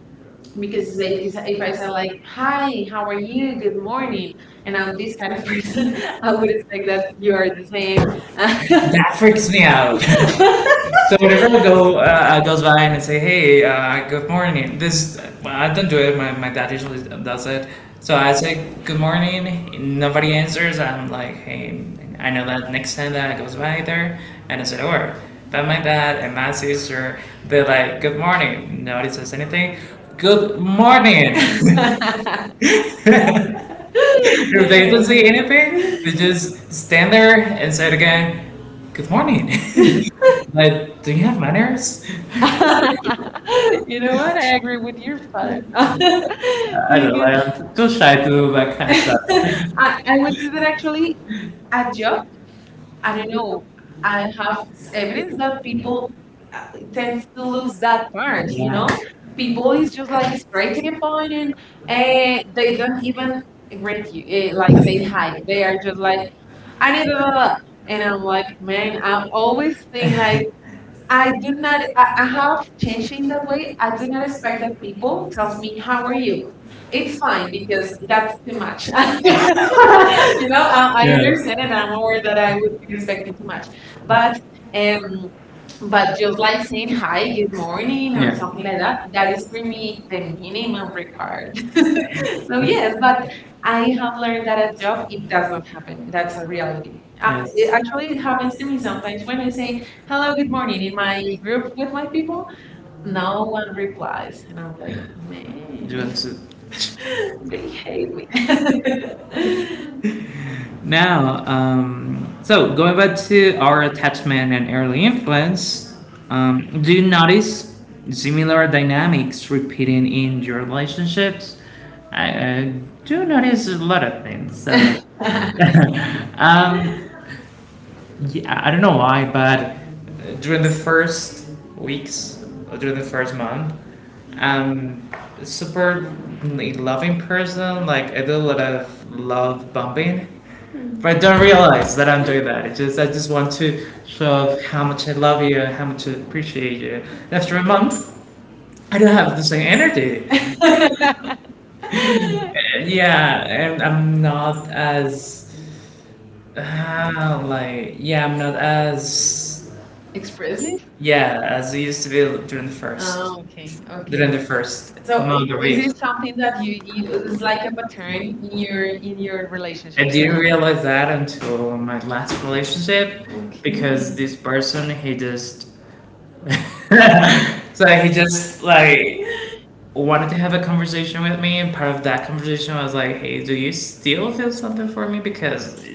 Speaker 2: because
Speaker 1: because
Speaker 2: if I, if I if
Speaker 1: if
Speaker 2: I
Speaker 1: I
Speaker 2: say
Speaker 1: say
Speaker 2: like,
Speaker 1: like,
Speaker 2: "Hi,
Speaker 1: "Hi, how
Speaker 2: how are
Speaker 1: are
Speaker 2: you?
Speaker 1: you?
Speaker 2: Good
Speaker 1: Good
Speaker 2: morning,"
Speaker 1: morning," and
Speaker 2: and I'm
Speaker 1: I'm
Speaker 2: this
Speaker 1: this
Speaker 2: kind
Speaker 1: kind
Speaker 2: of
Speaker 1: of
Speaker 2: person,
Speaker 1: person,
Speaker 2: I would
Speaker 1: okay,
Speaker 2: expect that you are the same.
Speaker 1: That freaks me out. So whenever I go, I goes by and I say, "Hey, good morning." This well, I don't do it. My dad usually does it. So I say, "Good morning." Nobody answers. I'm like, "Hey, I know that next time that I goes by there," and I said, "Or." But my dad and my sister, they're like, "Good morning." Nobody says anything. Good morning. If they don't
Speaker 2: Yeah.
Speaker 1: say anything, they just stand there and say it again. Good morning. Like, do you have manners?
Speaker 2: You know what? I agree with your father.
Speaker 1: I don't know,
Speaker 2: Because
Speaker 1: like I'm too shy to do that kind of stuff.
Speaker 2: I,
Speaker 1: I,
Speaker 2: I would do that
Speaker 1: I actually
Speaker 2: actually. A
Speaker 1: at
Speaker 2: job,
Speaker 1: job,
Speaker 2: I
Speaker 1: I
Speaker 2: don't
Speaker 1: don't know.
Speaker 2: know.
Speaker 1: I
Speaker 2: I have
Speaker 1: have
Speaker 2: evidence
Speaker 1: savings,
Speaker 2: that
Speaker 1: but
Speaker 2: people
Speaker 1: people
Speaker 2: uh,
Speaker 1: tend
Speaker 2: tends to
Speaker 1: to
Speaker 2: lose
Speaker 1: lose
Speaker 2: that
Speaker 1: that
Speaker 2: part,
Speaker 1: part, you
Speaker 2: you
Speaker 1: Yeah. know?
Speaker 2: know?
Speaker 1: People
Speaker 2: People is just like straight to the point, and they don't even greet you, like
Speaker 1: like
Speaker 2: say
Speaker 1: they
Speaker 2: hi.
Speaker 1: have
Speaker 2: They are just like, "I need a, blah, blah, blah." And I'm like, "Man," I always think like,
Speaker 1: they
Speaker 2: "I
Speaker 1: like
Speaker 2: do not." I have changed in that way. I do not expect that people tells me how are you. It's fine because that's too much. You know,
Speaker 1: I
Speaker 2: I
Speaker 1: Yeah.
Speaker 2: understand and I'm aware that I would be
Speaker 1: respect,
Speaker 2: expecting too much, but um, but
Speaker 1: but
Speaker 2: just like saying hi, good morning,
Speaker 1: being
Speaker 2: or something
Speaker 1: Yeah.
Speaker 2: like that, that is for me the minimum required. So yes, but I have learned that at job it does not happen.
Speaker 1: something
Speaker 2: That's a
Speaker 1: that
Speaker 2: reality.
Speaker 1: reality. I,
Speaker 2: It,
Speaker 1: Yes. I
Speaker 2: actually, it
Speaker 1: really haven't
Speaker 2: happens to me
Speaker 1: seen some
Speaker 2: sometimes when I say hello, good morning in my group with my people.
Speaker 1: people. No
Speaker 2: No one
Speaker 1: one
Speaker 2: replies,
Speaker 1: replies.
Speaker 2: and I'm like,
Speaker 1: Okay. Do you
Speaker 2: "Man,
Speaker 1: want
Speaker 2: they hate me."
Speaker 1: to? Now, so going back to our attachment and early influence, do you notice similar dynamics repeating in your relationships? I, I do notice a lot of things. So. um, yeah I don't know why, but during the first weeks, or during the first month, um, super loving person. Like I do a lot of love bombing, but I don't realize that I'm doing that. It's just I just want to show how much I love you, how much I appreciate you. And after a month, I don't have the same energy. Yeah, and I'm not as I'm not as Express.
Speaker 2: Expressive.
Speaker 1: Yeah, as I used to be during the first
Speaker 2: Oh, okay,
Speaker 1: Okay.
Speaker 2: okay.
Speaker 1: during the first
Speaker 2: So
Speaker 1: So month or
Speaker 2: is
Speaker 1: week.
Speaker 2: it
Speaker 1: Is
Speaker 2: something that you
Speaker 1: this
Speaker 2: is
Speaker 1: is
Speaker 2: like a
Speaker 1: that
Speaker 2: pattern
Speaker 1: breaking you?
Speaker 2: in your
Speaker 1: I
Speaker 2: relationships,
Speaker 1: didn't
Speaker 2: right?
Speaker 1: realize that until my last relationship okay.
Speaker 2: Okay.
Speaker 1: Because this person he just so he just like wanted to have a conversation with me, and part of that conversation was like, "Hey, do you still feel something for me? Because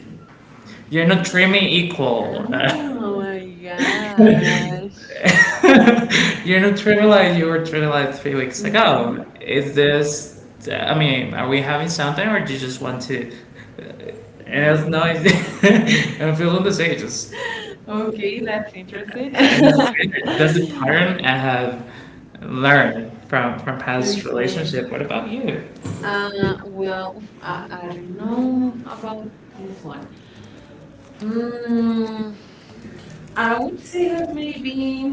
Speaker 1: you're not treating me equal.
Speaker 2: Oh my gosh.
Speaker 1: You're not treating me like you were treating like 3 weeks
Speaker 2: Mhm,
Speaker 1: ago. Is this? I mean, are we having something, or do you just want to?" And I was
Speaker 2: mhm.
Speaker 1: no, it's- I'm feeling the same. Just okay.
Speaker 2: Okay, that's interesting.
Speaker 1: That's a pattern I have learn from past
Speaker 2: Okay.
Speaker 1: relationship. What about you? Um,
Speaker 2: Well, oof, I don't know about this
Speaker 1: this
Speaker 2: one.
Speaker 1: one. Mm,
Speaker 2: Mm, I
Speaker 1: I
Speaker 2: would
Speaker 1: would
Speaker 2: say
Speaker 1: say
Speaker 2: that
Speaker 1: that maybe
Speaker 2: maybe.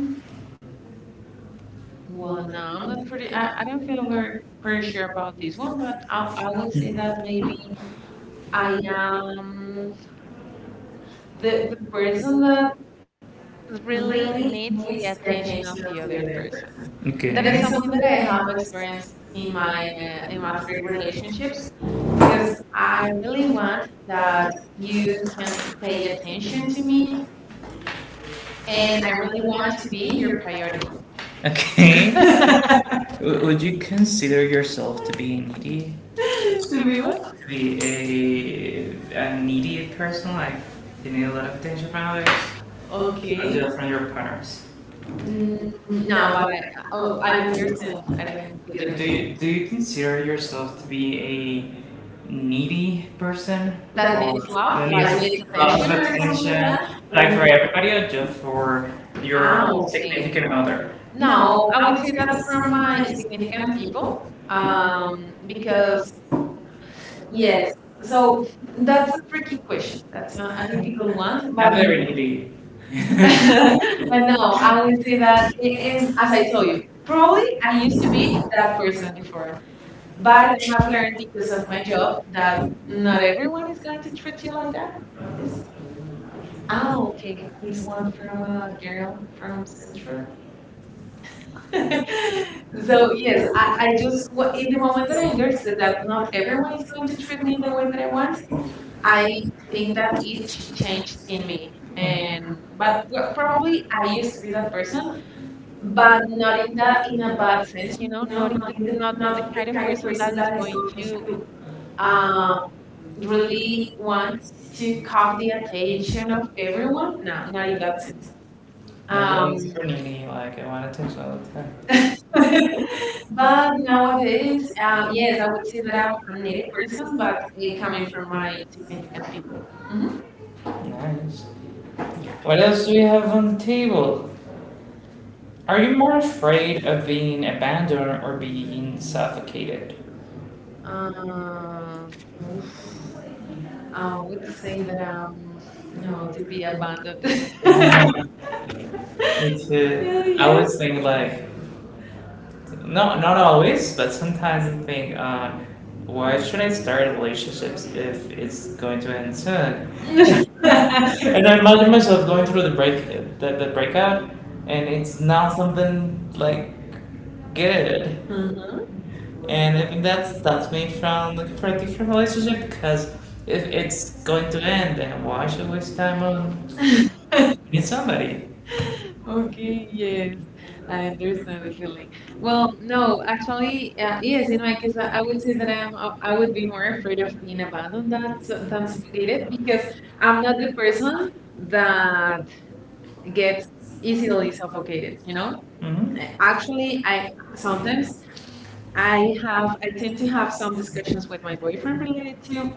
Speaker 2: Well,
Speaker 1: one.
Speaker 2: no, I'm
Speaker 1: I'm
Speaker 2: not
Speaker 1: not
Speaker 2: pretty.
Speaker 1: pretty.
Speaker 2: I, I don't feel
Speaker 1: I'm not
Speaker 2: very pretty
Speaker 1: very,
Speaker 2: sure
Speaker 1: sure
Speaker 2: about
Speaker 1: about
Speaker 2: this
Speaker 1: this
Speaker 2: one,
Speaker 1: one,
Speaker 2: but I
Speaker 1: I,
Speaker 2: I would
Speaker 1: would
Speaker 2: say
Speaker 1: say
Speaker 2: that
Speaker 1: that
Speaker 2: maybe
Speaker 1: maybe I
Speaker 2: I
Speaker 1: am
Speaker 2: am the
Speaker 1: the
Speaker 2: person
Speaker 1: person
Speaker 2: that
Speaker 1: that
Speaker 2: really
Speaker 1: really
Speaker 2: needs
Speaker 1: needs to
Speaker 2: the
Speaker 1: get
Speaker 2: attention of the other
Speaker 1: hang
Speaker 2: person.
Speaker 1: person. Okay.
Speaker 2: That
Speaker 1: That
Speaker 2: is
Speaker 1: is
Speaker 2: something
Speaker 1: something
Speaker 2: that I
Speaker 1: that
Speaker 2: have
Speaker 1: I
Speaker 2: experienced in my three
Speaker 1: great
Speaker 2: relationships,
Speaker 1: relationships
Speaker 2: because
Speaker 1: because
Speaker 2: I
Speaker 1: I
Speaker 2: really
Speaker 1: really
Speaker 2: want
Speaker 1: want
Speaker 2: that you
Speaker 1: you
Speaker 2: can
Speaker 1: to
Speaker 2: pay
Speaker 1: pay
Speaker 2: attention
Speaker 1: attention
Speaker 2: to
Speaker 1: to
Speaker 2: me,
Speaker 1: me,
Speaker 2: and
Speaker 1: and
Speaker 2: I
Speaker 1: I
Speaker 2: really
Speaker 1: really
Speaker 2: want
Speaker 1: want
Speaker 2: to
Speaker 1: to be
Speaker 2: be your
Speaker 1: your priority.
Speaker 2: priority.
Speaker 1: Okay. Would you consider yourself to be needy?
Speaker 2: To
Speaker 1: To
Speaker 2: be
Speaker 1: be
Speaker 2: what?
Speaker 1: what? To be a needy person? Like, you need a lot of attention from others? Okay.
Speaker 2: Okay.
Speaker 1: From your partners?
Speaker 2: Mm,
Speaker 1: Mm,
Speaker 2: no,
Speaker 1: no,
Speaker 2: but I oh, I
Speaker 1: I
Speaker 2: don't
Speaker 1: understand.
Speaker 2: understand. I didn't get the question.
Speaker 1: Do you consider yourself to be a needy person?
Speaker 2: That
Speaker 1: That Or
Speaker 2: needs
Speaker 1: needs love,
Speaker 2: love,
Speaker 1: that needs
Speaker 2: like needs
Speaker 1: like love,
Speaker 2: attention or something
Speaker 1: attention attention.
Speaker 2: like that.
Speaker 1: Like
Speaker 2: Ooh.
Speaker 1: for everybody or just for your
Speaker 2: Ah,
Speaker 1: Ah, okay.
Speaker 2: okay.
Speaker 1: significant other?
Speaker 2: No,
Speaker 1: No,
Speaker 2: I
Speaker 1: I
Speaker 2: would
Speaker 1: would
Speaker 2: say
Speaker 1: say
Speaker 2: that
Speaker 1: that's
Speaker 2: from
Speaker 1: from
Speaker 2: my
Speaker 1: my
Speaker 2: significant
Speaker 1: significant
Speaker 2: people,
Speaker 1: people, um,
Speaker 2: because
Speaker 1: because
Speaker 2: yes,
Speaker 1: yes.
Speaker 2: so
Speaker 1: So
Speaker 2: that's a
Speaker 1: the
Speaker 2: tricky
Speaker 1: question,
Speaker 2: question. That's a
Speaker 1: I think people
Speaker 2: difficult one,
Speaker 1: want, Not
Speaker 2: but
Speaker 1: but, very needy.
Speaker 2: but
Speaker 1: But no,
Speaker 2: no, I
Speaker 1: I
Speaker 2: would
Speaker 1: would
Speaker 2: say
Speaker 1: say
Speaker 2: that,
Speaker 1: that, and as
Speaker 2: as I
Speaker 1: I
Speaker 2: told
Speaker 1: told
Speaker 2: you,
Speaker 1: you,
Speaker 2: probably I
Speaker 1: I
Speaker 2: used
Speaker 1: used
Speaker 2: to
Speaker 1: to
Speaker 2: be
Speaker 1: be
Speaker 2: that
Speaker 1: that
Speaker 2: person before. But I
Speaker 1: person.
Speaker 2: have learned because of my job that
Speaker 1: That
Speaker 2: not everyone is going to treat you like that. This ah, okay, it's
Speaker 1: it's
Speaker 2: one
Speaker 1: not
Speaker 2: from
Speaker 1: from,
Speaker 2: a girl from Central. So
Speaker 1: so,
Speaker 2: yes,
Speaker 1: yes,
Speaker 2: I
Speaker 1: I
Speaker 2: just
Speaker 1: just, well,
Speaker 2: in
Speaker 1: in
Speaker 2: the
Speaker 1: the
Speaker 2: moment
Speaker 1: moment
Speaker 2: that
Speaker 1: I
Speaker 2: I
Speaker 1: was younger,
Speaker 2: understood that not everyone is going to treat me in the way that
Speaker 1: when
Speaker 2: I
Speaker 1: I
Speaker 2: want,
Speaker 1: want.
Speaker 2: I
Speaker 1: I,
Speaker 2: think that
Speaker 1: that,
Speaker 2: it changed in me. And but well, probably I
Speaker 1: I
Speaker 2: used to
Speaker 1: used
Speaker 2: be that person,
Speaker 1: to,
Speaker 2: but
Speaker 1: but
Speaker 2: not
Speaker 1: not
Speaker 2: in
Speaker 1: in
Speaker 2: that
Speaker 1: that,
Speaker 2: in
Speaker 1: in
Speaker 2: a
Speaker 1: a
Speaker 2: bad
Speaker 1: bad
Speaker 2: sense,
Speaker 1: sense, you
Speaker 2: you know,
Speaker 1: know,
Speaker 2: not
Speaker 1: not
Speaker 2: in
Speaker 1: in
Speaker 2: the
Speaker 1: the,
Speaker 2: not
Speaker 1: not
Speaker 2: the
Speaker 1: the
Speaker 2: kind of
Speaker 1: kind of
Speaker 2: person
Speaker 1: person
Speaker 2: that
Speaker 1: that
Speaker 2: is
Speaker 1: is
Speaker 2: going
Speaker 1: going
Speaker 2: to
Speaker 1: to,
Speaker 2: um
Speaker 1: uh,
Speaker 2: really
Speaker 1: really
Speaker 2: want
Speaker 1: want
Speaker 2: to
Speaker 1: to
Speaker 2: cock the
Speaker 1: copy the
Speaker 2: attention
Speaker 1: attention
Speaker 2: of
Speaker 1: of
Speaker 2: everyone.
Speaker 1: everyone,
Speaker 2: No,
Speaker 1: no,
Speaker 2: not
Speaker 1: not
Speaker 2: in
Speaker 1: in
Speaker 2: that
Speaker 1: that
Speaker 2: sense.
Speaker 1: sense. Nobody
Speaker 2: Um,
Speaker 1: It's for Nini, like I want attention all the time.
Speaker 2: but
Speaker 1: But
Speaker 2: nowadays,
Speaker 1: nowadays,
Speaker 2: yes,
Speaker 1: yes,
Speaker 2: I would
Speaker 1: I'm
Speaker 2: say that I'm a needy person, but it
Speaker 1: actually
Speaker 2: coming
Speaker 1: com-
Speaker 2: from my significant people. Hmm.
Speaker 1: Nice.
Speaker 2: Yeah.
Speaker 1: What else do we have on the table? Are you more afraid of being abandoned or being suffocated? Um,
Speaker 2: Uh, Oof. I would say that no,
Speaker 1: no,
Speaker 2: to
Speaker 1: to be
Speaker 2: be abandoned.
Speaker 1: It's,
Speaker 2: Yeah.
Speaker 1: I always
Speaker 2: Yes.
Speaker 1: Yes. think like, no, not always, but sometimes I think, why should I start relationships if it's going to end soon? And I imagine myself going through the break, the breakout, and it's not something like good.
Speaker 2: Uh-huh.
Speaker 1: And I think that stops me from looking for a different relationship because if it's going to end, then why should I waste time on meet somebody? Okay,
Speaker 2: Okay,
Speaker 1: yeah.
Speaker 2: yes, I
Speaker 1: Right.
Speaker 2: understand the feeling.
Speaker 1: Well,
Speaker 2: Well, no, actually, yes, in my case, I,
Speaker 1: I
Speaker 2: I would
Speaker 1: would
Speaker 2: say
Speaker 1: say that
Speaker 2: that I'm, I
Speaker 1: I
Speaker 2: would
Speaker 1: would
Speaker 2: be
Speaker 1: be
Speaker 2: more afraid of being abandoned that,
Speaker 1: not so
Speaker 2: than suffocated
Speaker 1: fascinated
Speaker 2: because
Speaker 1: because
Speaker 2: I'm not the person
Speaker 1: that
Speaker 2: that gets
Speaker 1: gets easily
Speaker 2: easily suffocated, you know?
Speaker 1: hmm
Speaker 2: Actually, I sometimes
Speaker 1: sometimes. I
Speaker 2: I have, I tend
Speaker 1: need
Speaker 2: to
Speaker 1: to
Speaker 2: have
Speaker 1: have
Speaker 2: some discussions with my boyfriend related to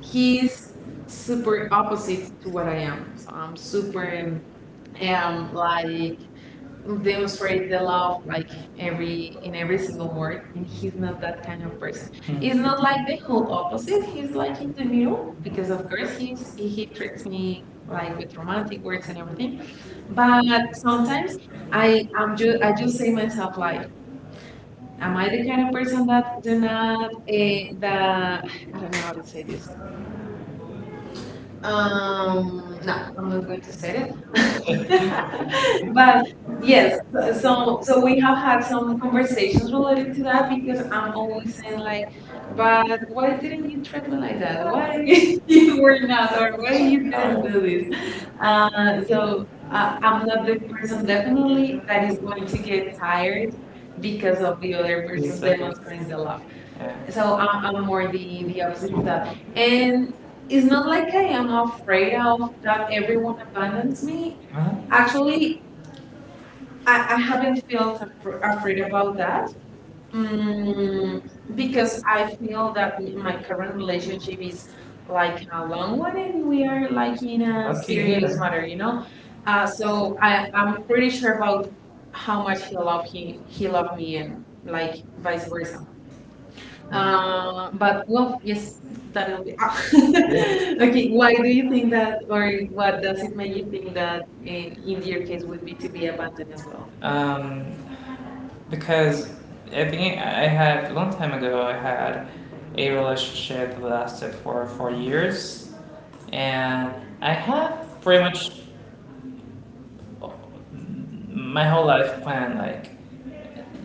Speaker 2: he's
Speaker 1: he's
Speaker 2: super
Speaker 1: super
Speaker 2: opposite
Speaker 1: opposite
Speaker 2: to what I am. So I'm super
Speaker 1: super
Speaker 2: like
Speaker 1: like
Speaker 2: demonstrate
Speaker 1: demonstrate
Speaker 2: the
Speaker 1: the
Speaker 2: love
Speaker 1: like
Speaker 2: like every in every single word,
Speaker 1: every
Speaker 2: and he's not that kind of person.
Speaker 1: person. Hmm.
Speaker 2: He's
Speaker 1: It's
Speaker 2: not like the
Speaker 1: the
Speaker 2: whole
Speaker 1: whole opposite
Speaker 2: opposite.
Speaker 1: to
Speaker 2: He's like in the middle
Speaker 1: you
Speaker 2: because
Speaker 1: because
Speaker 2: of
Speaker 1: of
Speaker 2: course
Speaker 1: course he
Speaker 2: he treats
Speaker 1: treats me
Speaker 2: me like with romantic words and everything. But
Speaker 1: But
Speaker 2: sometimes i
Speaker 1: I
Speaker 2: am
Speaker 1: I'm
Speaker 2: just
Speaker 1: just
Speaker 2: i
Speaker 1: I
Speaker 2: just
Speaker 1: just
Speaker 2: say
Speaker 1: say myself,
Speaker 2: myself like,
Speaker 1: am
Speaker 2: "Am
Speaker 1: I
Speaker 2: I the
Speaker 1: the
Speaker 2: kind
Speaker 1: kind
Speaker 2: of
Speaker 1: of person
Speaker 2: person that
Speaker 1: that
Speaker 2: do
Speaker 1: do
Speaker 2: not
Speaker 1: not think that I
Speaker 2: that
Speaker 1: don't
Speaker 2: I
Speaker 1: know
Speaker 2: don't know how
Speaker 1: how
Speaker 2: to
Speaker 1: to say
Speaker 2: say this.
Speaker 1: this. No,
Speaker 2: No,
Speaker 1: I'm not
Speaker 2: I'm not going
Speaker 1: going
Speaker 2: to
Speaker 1: to
Speaker 2: say it."
Speaker 1: say it.
Speaker 2: But
Speaker 1: But
Speaker 2: yes,
Speaker 1: yes,
Speaker 2: so
Speaker 1: so
Speaker 2: so
Speaker 1: so
Speaker 2: we
Speaker 1: we
Speaker 2: have had
Speaker 1: have
Speaker 2: some
Speaker 1: some
Speaker 2: conversations
Speaker 1: conversations
Speaker 2: related
Speaker 1: related
Speaker 2: to
Speaker 1: to
Speaker 2: that
Speaker 1: that
Speaker 2: because
Speaker 1: because
Speaker 2: I'm
Speaker 1: I'm,
Speaker 2: always saying like, "But
Speaker 1: but
Speaker 2: why
Speaker 1: Why did
Speaker 2: didn't you
Speaker 1: you
Speaker 2: treat me
Speaker 1: something
Speaker 2: like
Speaker 1: like
Speaker 2: that?
Speaker 1: that? Why
Speaker 2: Why you
Speaker 1: you
Speaker 2: were
Speaker 1: were
Speaker 2: not, or why
Speaker 1: why
Speaker 2: you
Speaker 1: you
Speaker 2: didn't
Speaker 1: gonna
Speaker 2: do this?"
Speaker 1: do this?
Speaker 2: Uh,
Speaker 1: Uh,
Speaker 2: so
Speaker 1: so
Speaker 2: I'm
Speaker 1: I'm
Speaker 2: not
Speaker 1: not
Speaker 2: the
Speaker 1: the
Speaker 2: person
Speaker 1: person
Speaker 2: definitely
Speaker 1: definitely
Speaker 2: that
Speaker 1: that
Speaker 2: is
Speaker 1: is
Speaker 2: going
Speaker 1: going
Speaker 2: to
Speaker 1: to
Speaker 2: get tired
Speaker 1: be
Speaker 2: because of the other
Speaker 1: the person.
Speaker 2: person
Speaker 1: That-
Speaker 2: demonstrates the love.
Speaker 1: Yeah.
Speaker 2: So
Speaker 1: So
Speaker 2: I'm more the opposite of that, and
Speaker 1: and
Speaker 2: it's
Speaker 1: it's
Speaker 2: not
Speaker 1: not
Speaker 2: like
Speaker 1: like
Speaker 2: I
Speaker 1: I
Speaker 2: am
Speaker 1: am of
Speaker 2: afraid of that everyone
Speaker 1: everyone
Speaker 2: abandons
Speaker 1: abandons
Speaker 2: me.
Speaker 1: me. Uh-huh.
Speaker 2: Actually
Speaker 1: Actually,
Speaker 2: I
Speaker 1: I
Speaker 2: haven't
Speaker 1: haven't feel
Speaker 2: felt afraid
Speaker 1: worried
Speaker 2: about
Speaker 1: about
Speaker 2: that. Mm,
Speaker 1: mm,
Speaker 2: because
Speaker 1: because
Speaker 2: I
Speaker 1: I
Speaker 2: feel
Speaker 1: feel
Speaker 2: that
Speaker 1: that
Speaker 2: my
Speaker 1: my
Speaker 2: current
Speaker 1: current
Speaker 2: relationship
Speaker 1: relationship
Speaker 2: is
Speaker 1: is
Speaker 2: like
Speaker 1: like
Speaker 2: a
Speaker 1: don't
Speaker 2: long
Speaker 1: long
Speaker 2: one, and
Speaker 1: running.
Speaker 2: we
Speaker 1: We
Speaker 2: are
Speaker 1: are
Speaker 2: like
Speaker 1: like in
Speaker 2: in
Speaker 1: a
Speaker 2: a
Speaker 1: Okay.
Speaker 2: serious
Speaker 1: serious
Speaker 2: matter,
Speaker 1: matter.
Speaker 2: you know. So I'm
Speaker 1: I'm
Speaker 2: pretty
Speaker 1: pretty
Speaker 2: sure
Speaker 1: sure
Speaker 2: about how
Speaker 1: vai
Speaker 2: much he
Speaker 1: falar
Speaker 2: love
Speaker 1: o
Speaker 2: he
Speaker 1: que
Speaker 2: he loved me,
Speaker 1: Gabriel
Speaker 2: and like
Speaker 1: vai
Speaker 2: vice versa. But well,
Speaker 1: e
Speaker 2: yes,
Speaker 1: esse tá
Speaker 2: that'll
Speaker 1: no
Speaker 2: be. Ah. Okay,
Speaker 1: okay
Speaker 2: why
Speaker 1: why do
Speaker 2: do you
Speaker 1: you think
Speaker 2: think that,
Speaker 1: that
Speaker 2: or what does it
Speaker 1: Do
Speaker 2: make you
Speaker 1: you think
Speaker 2: think that
Speaker 1: that
Speaker 2: in your
Speaker 1: Indian
Speaker 2: case would be to be abandoned
Speaker 1: is
Speaker 2: as
Speaker 1: called?
Speaker 2: well?
Speaker 1: Because I think I had a long time ago. I had a relationship that lasted for 4 years, and I have pretty much my whole life planned. Like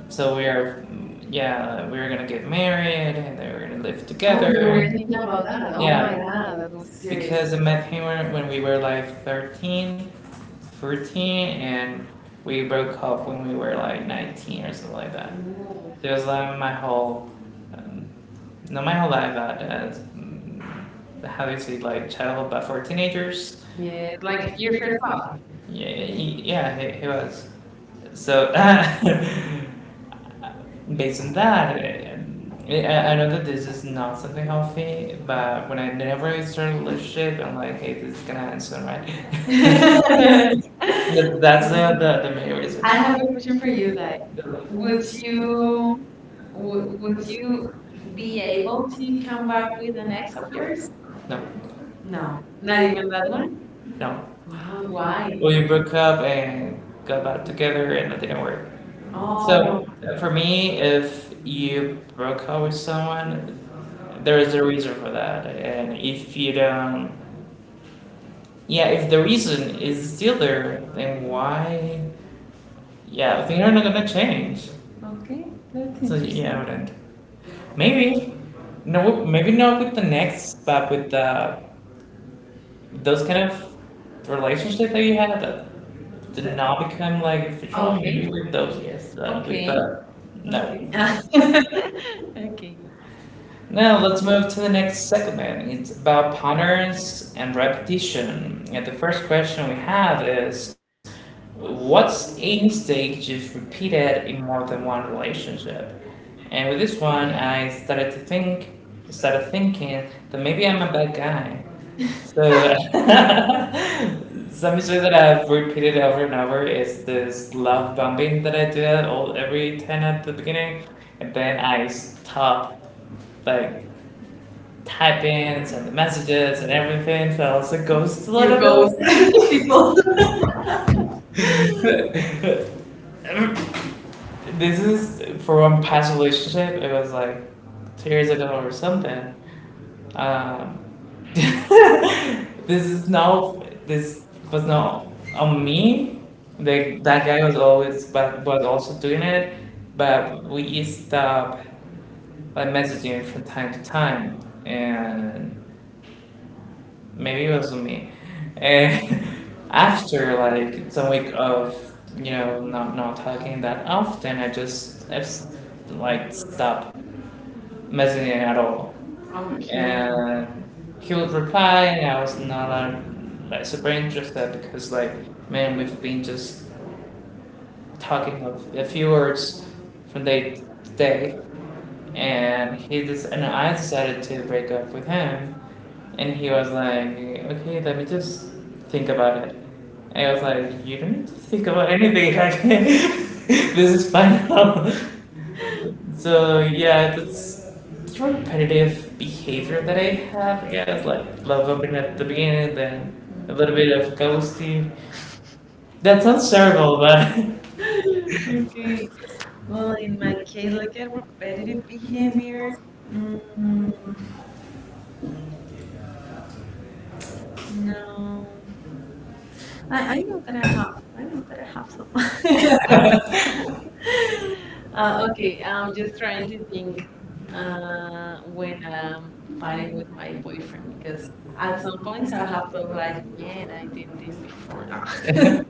Speaker 1: So we are, yeah, we were gonna get married and they were gonna live I was
Speaker 2: Oh,
Speaker 1: together.
Speaker 2: you were
Speaker 1: Aware
Speaker 2: thinking
Speaker 1: about
Speaker 2: about that.
Speaker 1: that. Oh my
Speaker 2: Oh my
Speaker 1: Yeah.
Speaker 2: God,
Speaker 1: God.
Speaker 2: that was
Speaker 1: Serious.
Speaker 2: serious.
Speaker 1: Because I met him when we were like 13, 14, and we broke up when we were like 19 or something like that.
Speaker 2: Oh,
Speaker 1: So it was like my whole, um, not my whole life, but how do you say, like childhood, but for teenagers.
Speaker 2: yes, like your first love.
Speaker 1: Wow. Yeah, he was. So, based on that, I know that this is not something healthy, but when I never started a relationship, I'm like, hey, this is gonna end soon, right? That's
Speaker 2: I
Speaker 1: the main reason.
Speaker 2: I
Speaker 1: I
Speaker 2: have
Speaker 1: have
Speaker 2: a
Speaker 1: a
Speaker 2: question
Speaker 1: question
Speaker 2: for
Speaker 1: for
Speaker 2: you
Speaker 1: you.
Speaker 2: that
Speaker 1: Like,
Speaker 2: would
Speaker 1: would
Speaker 2: you
Speaker 1: you would,
Speaker 2: would
Speaker 1: would
Speaker 2: you
Speaker 1: you
Speaker 2: be
Speaker 1: be
Speaker 2: able
Speaker 1: able
Speaker 2: to
Speaker 1: to
Speaker 2: come
Speaker 1: count
Speaker 2: back with an ex of yours?
Speaker 1: yours? No. No,
Speaker 2: No, not
Speaker 1: not
Speaker 2: even
Speaker 1: even
Speaker 2: that
Speaker 1: that
Speaker 2: one.
Speaker 1: one. No,
Speaker 2: Wow, why?
Speaker 1: we broke up and got back together and that didn't work. Oh,
Speaker 2: Oh,
Speaker 1: So for me, if you broke up with someone, there is a reason for that. And if you don't, yeah, if the reason is still there, then why? Yeah, things are not gonna change. Okay.
Speaker 2: okay, that's
Speaker 1: That's So yeah, I
Speaker 2: interesting.
Speaker 1: interesting. Wouldn't. Maybe no, maybe not with the next, but with the those kind of relationship that you had, did
Speaker 2: Th-
Speaker 1: not become like official oh,
Speaker 2: okay,
Speaker 1: meeting with those yes with Okay. With
Speaker 2: okay,
Speaker 1: the
Speaker 2: okay,
Speaker 1: no.
Speaker 2: okay.
Speaker 1: Now let's move to the next segment. It's about patterns and repetition. And the first question we have is what's a mistake you've repeated in more than one relationship? And with this one I started to think started thinking that maybe I'm a bad guy. So Some mistake that I've repeated over and over is this love bombing that I do at all every time at the beginning, and then I stop like typings and the messages and everything. So I also ghost a lot
Speaker 2: You
Speaker 1: You of
Speaker 2: ghost
Speaker 1: those ghost
Speaker 2: people.
Speaker 1: people. This is for one past relationship. It was like 2 years ago or something. Um, This is now this was now a meme. Like that guy was always but was also doing it, but we stopped like messaging him from time to time, and maybe it was me. And after like some week of you know not talking that often, I just like stopped messaging at all.
Speaker 2: Okay.
Speaker 1: And he would reply, and I was not like super interested because like man, we've been just talking of a few words from day to day, and he just and I decided to break up with him, and he was like, okay, let me just think about it. And I was like, you don't need to think about anything. This is final. So yeah, that's it's repetitive behavior that I have. Yeah, it's like love opening at the beginning, then a
Speaker 2: Mhm.
Speaker 1: little bit of ghosting. That sounds terrible, but
Speaker 2: Okay. Well,
Speaker 1: Well,
Speaker 2: in my
Speaker 1: if
Speaker 2: case,
Speaker 1: I
Speaker 2: like a repetitive
Speaker 1: ready,
Speaker 2: behavior, mm,
Speaker 1: mm, mm, no.
Speaker 2: no. I
Speaker 1: I,
Speaker 2: know that I
Speaker 1: I
Speaker 2: have. I know that
Speaker 1: don't
Speaker 2: I have some.
Speaker 1: know. um,
Speaker 2: Okay, I'm just trying to think
Speaker 1: uh,
Speaker 2: when I'm fighting
Speaker 1: fighting
Speaker 2: with
Speaker 1: with my
Speaker 2: my boyfriend
Speaker 1: boyfriend
Speaker 2: because
Speaker 1: because I
Speaker 2: at some points
Speaker 1: always
Speaker 2: I have
Speaker 1: have
Speaker 2: thought like,
Speaker 1: like
Speaker 2: "Man, I
Speaker 1: man
Speaker 2: did this before."
Speaker 1: and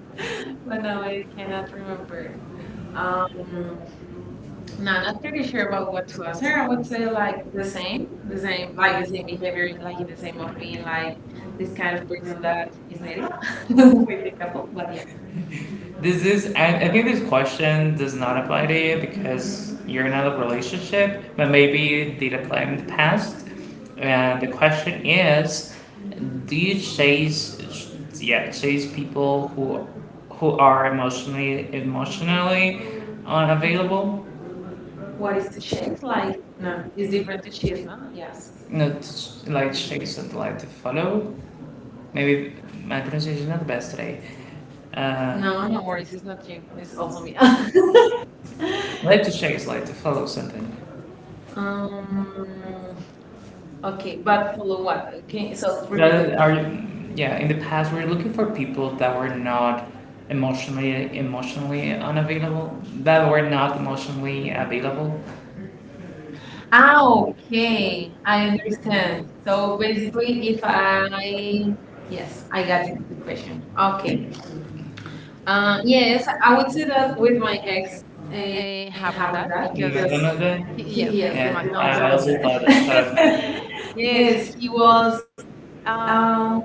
Speaker 2: But now I cannot remember.
Speaker 1: whenever.
Speaker 2: Um,
Speaker 1: Um, No,
Speaker 2: No,
Speaker 1: I'm
Speaker 2: not pretty
Speaker 1: pretty
Speaker 2: sure
Speaker 1: sure.
Speaker 2: about what to answer. I
Speaker 1: I
Speaker 2: would
Speaker 1: would
Speaker 2: say
Speaker 1: say
Speaker 2: like
Speaker 1: like the same, the
Speaker 2: the same,
Speaker 1: same,
Speaker 2: like the
Speaker 1: like the
Speaker 2: same
Speaker 1: same,
Speaker 2: behavior, like in the same of being like this
Speaker 1: this
Speaker 2: kind
Speaker 1: kind
Speaker 2: of
Speaker 1: of
Speaker 2: person that is needy
Speaker 1: thing.
Speaker 2: with the couple. But yeah,
Speaker 1: This is, I think this question does not apply to you because you're in a relationship, but maybe it did apply in the past. And the question is, do you chase, yeah, chase people who are emotionally unavailable?
Speaker 2: what
Speaker 1: What
Speaker 2: is
Speaker 1: is
Speaker 2: to chase?
Speaker 1: it
Speaker 2: Like,
Speaker 1: like?
Speaker 2: no,
Speaker 1: No,
Speaker 2: it's
Speaker 1: is it?
Speaker 2: different to cheat, no? Yes.
Speaker 1: Yes. Not sh- like shakes that like to follow. Maybe my pronunciation is not the best today.
Speaker 2: No,
Speaker 1: No,
Speaker 2: no
Speaker 1: no
Speaker 2: worries.
Speaker 1: worries.
Speaker 2: It's not you. It's
Speaker 1: It's
Speaker 2: also
Speaker 1: also me.
Speaker 2: me.
Speaker 1: Like to shakes like to follow something. um,
Speaker 2: Um,
Speaker 1: okay,
Speaker 2: okay, but
Speaker 1: but
Speaker 2: follow what?
Speaker 1: for-
Speaker 2: Okay,
Speaker 1: okay,
Speaker 2: so
Speaker 1: so
Speaker 2: repeat
Speaker 1: rather,
Speaker 2: it.
Speaker 1: repeat. Are, yeah, in the past, we were looking for people that were not emotionally unavailable, that were not emotionally available.
Speaker 2: Ah,
Speaker 1: Ah, okay,
Speaker 2: okay,
Speaker 1: I
Speaker 2: I understand.
Speaker 1: understand.
Speaker 2: So
Speaker 1: So
Speaker 2: basically,
Speaker 1: basically, if
Speaker 2: if I, yes,
Speaker 1: yes,
Speaker 2: I
Speaker 1: I
Speaker 2: got
Speaker 1: got the
Speaker 2: the question.
Speaker 1: question.
Speaker 2: Okay.
Speaker 1: Okay.
Speaker 2: Yes,
Speaker 1: Yeah,
Speaker 2: I
Speaker 1: I
Speaker 2: would
Speaker 1: would
Speaker 2: say
Speaker 1: say
Speaker 2: that
Speaker 1: that
Speaker 2: with
Speaker 1: with my
Speaker 2: my ex
Speaker 1: ex, I
Speaker 2: having
Speaker 1: haven't
Speaker 2: that
Speaker 1: that. You met
Speaker 2: because
Speaker 1: because remember he,
Speaker 2: he,
Speaker 1: yes,
Speaker 2: yes,
Speaker 1: yeah,
Speaker 2: the
Speaker 1: I
Speaker 2: McDonald's
Speaker 1: also
Speaker 2: guy.
Speaker 1: thought of
Speaker 2: Yes,
Speaker 1: yes, he
Speaker 2: he was.
Speaker 1: was.
Speaker 2: Um,
Speaker 1: Um,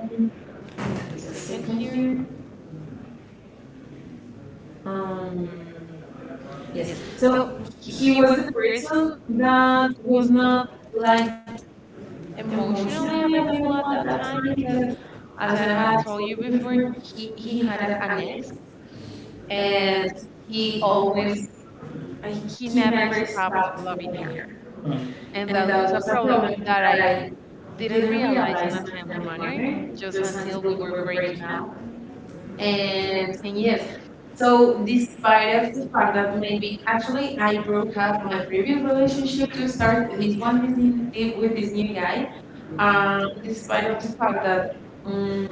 Speaker 1: wait
Speaker 2: Wait
Speaker 1: a
Speaker 2: a second
Speaker 1: second
Speaker 2: here.
Speaker 1: here. Um,
Speaker 2: Um, yes.
Speaker 1: yes,
Speaker 2: So
Speaker 1: so
Speaker 2: he
Speaker 1: he
Speaker 2: was
Speaker 1: was
Speaker 2: the
Speaker 1: the person
Speaker 2: person that
Speaker 1: that
Speaker 2: was
Speaker 1: was
Speaker 2: not
Speaker 1: not
Speaker 2: like
Speaker 1: like emotionally
Speaker 2: emotionally
Speaker 1: available
Speaker 2: available at
Speaker 1: at
Speaker 2: that
Speaker 1: that time
Speaker 2: time because,
Speaker 1: because, as
Speaker 2: as
Speaker 1: I
Speaker 2: I had
Speaker 1: had
Speaker 2: told
Speaker 1: told you
Speaker 2: you before,
Speaker 1: before, he
Speaker 2: he
Speaker 1: had
Speaker 2: had a,
Speaker 1: an
Speaker 2: an
Speaker 1: ex
Speaker 2: ex, and
Speaker 1: and
Speaker 2: he
Speaker 1: he always,
Speaker 2: always uh,
Speaker 1: and
Speaker 2: he
Speaker 1: he never
Speaker 2: never
Speaker 1: stopped
Speaker 2: stopped loving
Speaker 1: following
Speaker 2: her.
Speaker 1: her. Uh,
Speaker 2: And
Speaker 1: And
Speaker 2: that
Speaker 1: that
Speaker 2: was
Speaker 1: was
Speaker 2: a
Speaker 1: a
Speaker 2: problem
Speaker 1: problem
Speaker 2: that
Speaker 1: that
Speaker 2: I
Speaker 1: I
Speaker 2: didn't
Speaker 1: didn't
Speaker 2: realize
Speaker 1: realize
Speaker 2: in a
Speaker 1: I
Speaker 2: timely
Speaker 1: a
Speaker 2: manner
Speaker 1: runner
Speaker 2: just
Speaker 1: just
Speaker 2: until
Speaker 1: until
Speaker 2: we
Speaker 1: we were
Speaker 2: were breaking
Speaker 1: breaking
Speaker 2: up.
Speaker 1: up. And
Speaker 2: And yes,
Speaker 1: yes,
Speaker 2: so
Speaker 1: so
Speaker 2: despite of
Speaker 1: despite of
Speaker 2: the
Speaker 1: the
Speaker 2: fact
Speaker 1: fact
Speaker 2: that
Speaker 1: that
Speaker 2: maybe actually
Speaker 1: actually
Speaker 2: I
Speaker 1: I
Speaker 2: broke
Speaker 1: broke
Speaker 2: up
Speaker 1: up
Speaker 2: my
Speaker 1: my previous
Speaker 2: previous relationship
Speaker 1: relationship
Speaker 2: to
Speaker 1: to
Speaker 2: start
Speaker 1: start
Speaker 2: this
Speaker 1: this
Speaker 2: one
Speaker 1: one with
Speaker 2: with this
Speaker 1: this
Speaker 2: new
Speaker 1: new guy,
Speaker 2: guy,
Speaker 1: um, of the
Speaker 2: despite of the fact
Speaker 1: fact
Speaker 2: that
Speaker 1: that
Speaker 2: um,
Speaker 1: um,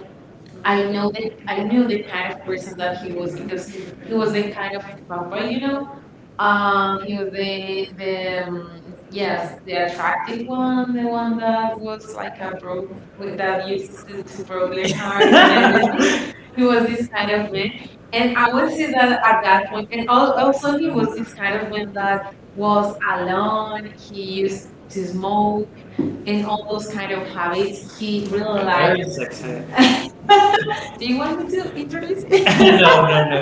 Speaker 2: I
Speaker 1: I
Speaker 2: know
Speaker 1: know
Speaker 2: the
Speaker 1: that
Speaker 2: I
Speaker 1: I
Speaker 2: knew
Speaker 1: knew
Speaker 2: the
Speaker 1: the
Speaker 2: kind
Speaker 1: kind
Speaker 2: of person that
Speaker 1: that
Speaker 2: he
Speaker 1: he
Speaker 2: was
Speaker 1: was
Speaker 2: because
Speaker 1: because
Speaker 2: he
Speaker 1: he
Speaker 2: was
Speaker 1: was
Speaker 2: the
Speaker 1: the
Speaker 2: kind
Speaker 1: kind
Speaker 2: of
Speaker 1: of
Speaker 2: fuckboy,
Speaker 1: papa,
Speaker 2: you
Speaker 1: you
Speaker 2: know.
Speaker 1: know.
Speaker 2: He
Speaker 1: He
Speaker 2: was
Speaker 1: was
Speaker 2: the
Speaker 1: um,
Speaker 2: yes,
Speaker 1: Yes,
Speaker 2: the
Speaker 1: the
Speaker 2: attractive
Speaker 1: attractive
Speaker 2: one,
Speaker 1: one,
Speaker 2: the
Speaker 1: the
Speaker 2: one
Speaker 1: one
Speaker 2: that
Speaker 1: that
Speaker 2: was like a
Speaker 1: broke
Speaker 2: broke
Speaker 1: with
Speaker 2: that
Speaker 1: that
Speaker 2: uses
Speaker 1: used
Speaker 2: to
Speaker 1: to
Speaker 2: broke
Speaker 1: broke
Speaker 2: their
Speaker 1: their
Speaker 2: hearts and
Speaker 1: heart.
Speaker 2: everything. He
Speaker 1: He
Speaker 2: was
Speaker 1: was
Speaker 2: this
Speaker 1: this
Speaker 2: kind
Speaker 1: kind
Speaker 2: of
Speaker 1: of
Speaker 2: man,
Speaker 1: man.
Speaker 2: and
Speaker 1: And
Speaker 2: I
Speaker 1: I
Speaker 2: would
Speaker 1: would
Speaker 2: say
Speaker 1: say
Speaker 2: that
Speaker 1: that
Speaker 2: at
Speaker 1: at
Speaker 2: that
Speaker 1: that
Speaker 2: point,
Speaker 1: point,
Speaker 2: and
Speaker 1: and al-
Speaker 2: also
Speaker 1: also
Speaker 2: he
Speaker 1: he
Speaker 2: was
Speaker 1: was
Speaker 2: this
Speaker 1: this
Speaker 2: kind
Speaker 1: kind
Speaker 2: of
Speaker 1: of man
Speaker 2: man that
Speaker 1: that
Speaker 2: was
Speaker 1: was a
Speaker 2: alone. He
Speaker 1: he
Speaker 2: used
Speaker 1: used
Speaker 2: to
Speaker 1: to smoke
Speaker 2: smoke and
Speaker 1: and
Speaker 2: all
Speaker 1: all
Speaker 2: those kind of habits.
Speaker 1: habits
Speaker 2: He
Speaker 1: he
Speaker 2: really liked.
Speaker 1: realized.
Speaker 2: Do
Speaker 1: Do
Speaker 2: you
Speaker 1: you
Speaker 2: want me
Speaker 1: want me
Speaker 2: to
Speaker 1: to
Speaker 2: introduce?
Speaker 1: introduce?
Speaker 2: It?
Speaker 1: No, no, no.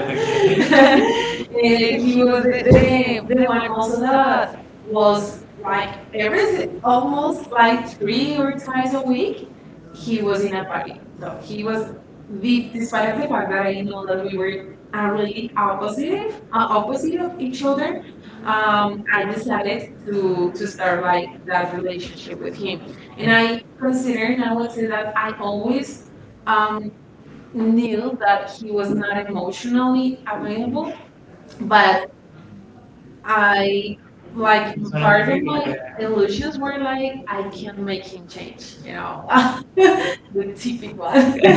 Speaker 2: Eh,
Speaker 1: And
Speaker 2: he
Speaker 1: he was
Speaker 2: was the
Speaker 1: the one
Speaker 2: one also
Speaker 1: also
Speaker 2: that
Speaker 1: that
Speaker 2: was
Speaker 1: was
Speaker 2: like
Speaker 1: like
Speaker 2: every
Speaker 1: every
Speaker 2: almost
Speaker 1: almost
Speaker 2: like
Speaker 1: like three
Speaker 2: three or
Speaker 1: or
Speaker 2: twice
Speaker 1: twice a
Speaker 2: a week
Speaker 1: week he
Speaker 2: he
Speaker 1: was
Speaker 2: was in a party. So he
Speaker 1: he
Speaker 2: was
Speaker 1: was
Speaker 2: the
Speaker 1: weak
Speaker 2: despite
Speaker 1: despite
Speaker 2: of
Speaker 1: the
Speaker 2: the fact that I know that
Speaker 1: fact
Speaker 2: we
Speaker 1: we
Speaker 2: were
Speaker 1: were really
Speaker 2: really opposite
Speaker 1: opposite
Speaker 2: opposite of
Speaker 1: of each
Speaker 2: each other.
Speaker 1: other. Uh, I
Speaker 2: I decided
Speaker 1: decided to
Speaker 2: to start like
Speaker 1: survive
Speaker 2: that
Speaker 1: that relationship
Speaker 2: relationship with
Speaker 1: with him,
Speaker 2: him,
Speaker 1: and
Speaker 2: and I
Speaker 1: I
Speaker 2: consider
Speaker 1: consider
Speaker 2: and I
Speaker 1: now I
Speaker 2: would
Speaker 1: say
Speaker 2: say that
Speaker 1: that
Speaker 2: I
Speaker 1: I
Speaker 2: always
Speaker 1: always
Speaker 2: um,
Speaker 1: um, knew
Speaker 2: knew that
Speaker 1: that
Speaker 2: he
Speaker 1: he
Speaker 2: was
Speaker 1: was
Speaker 2: not
Speaker 1: not
Speaker 2: emotionally
Speaker 1: emotionally available,
Speaker 2: available, but
Speaker 1: but
Speaker 2: I
Speaker 1: I
Speaker 2: like
Speaker 1: like part
Speaker 2: part of
Speaker 1: of
Speaker 2: my
Speaker 1: my illusion
Speaker 2: illusions
Speaker 1: for
Speaker 2: were
Speaker 1: like
Speaker 2: like, "I
Speaker 1: I
Speaker 2: can
Speaker 1: can
Speaker 2: make
Speaker 1: make
Speaker 2: him change,
Speaker 1: it, you
Speaker 2: you know."
Speaker 1: know,
Speaker 2: The typical
Speaker 1: typical.
Speaker 2: one.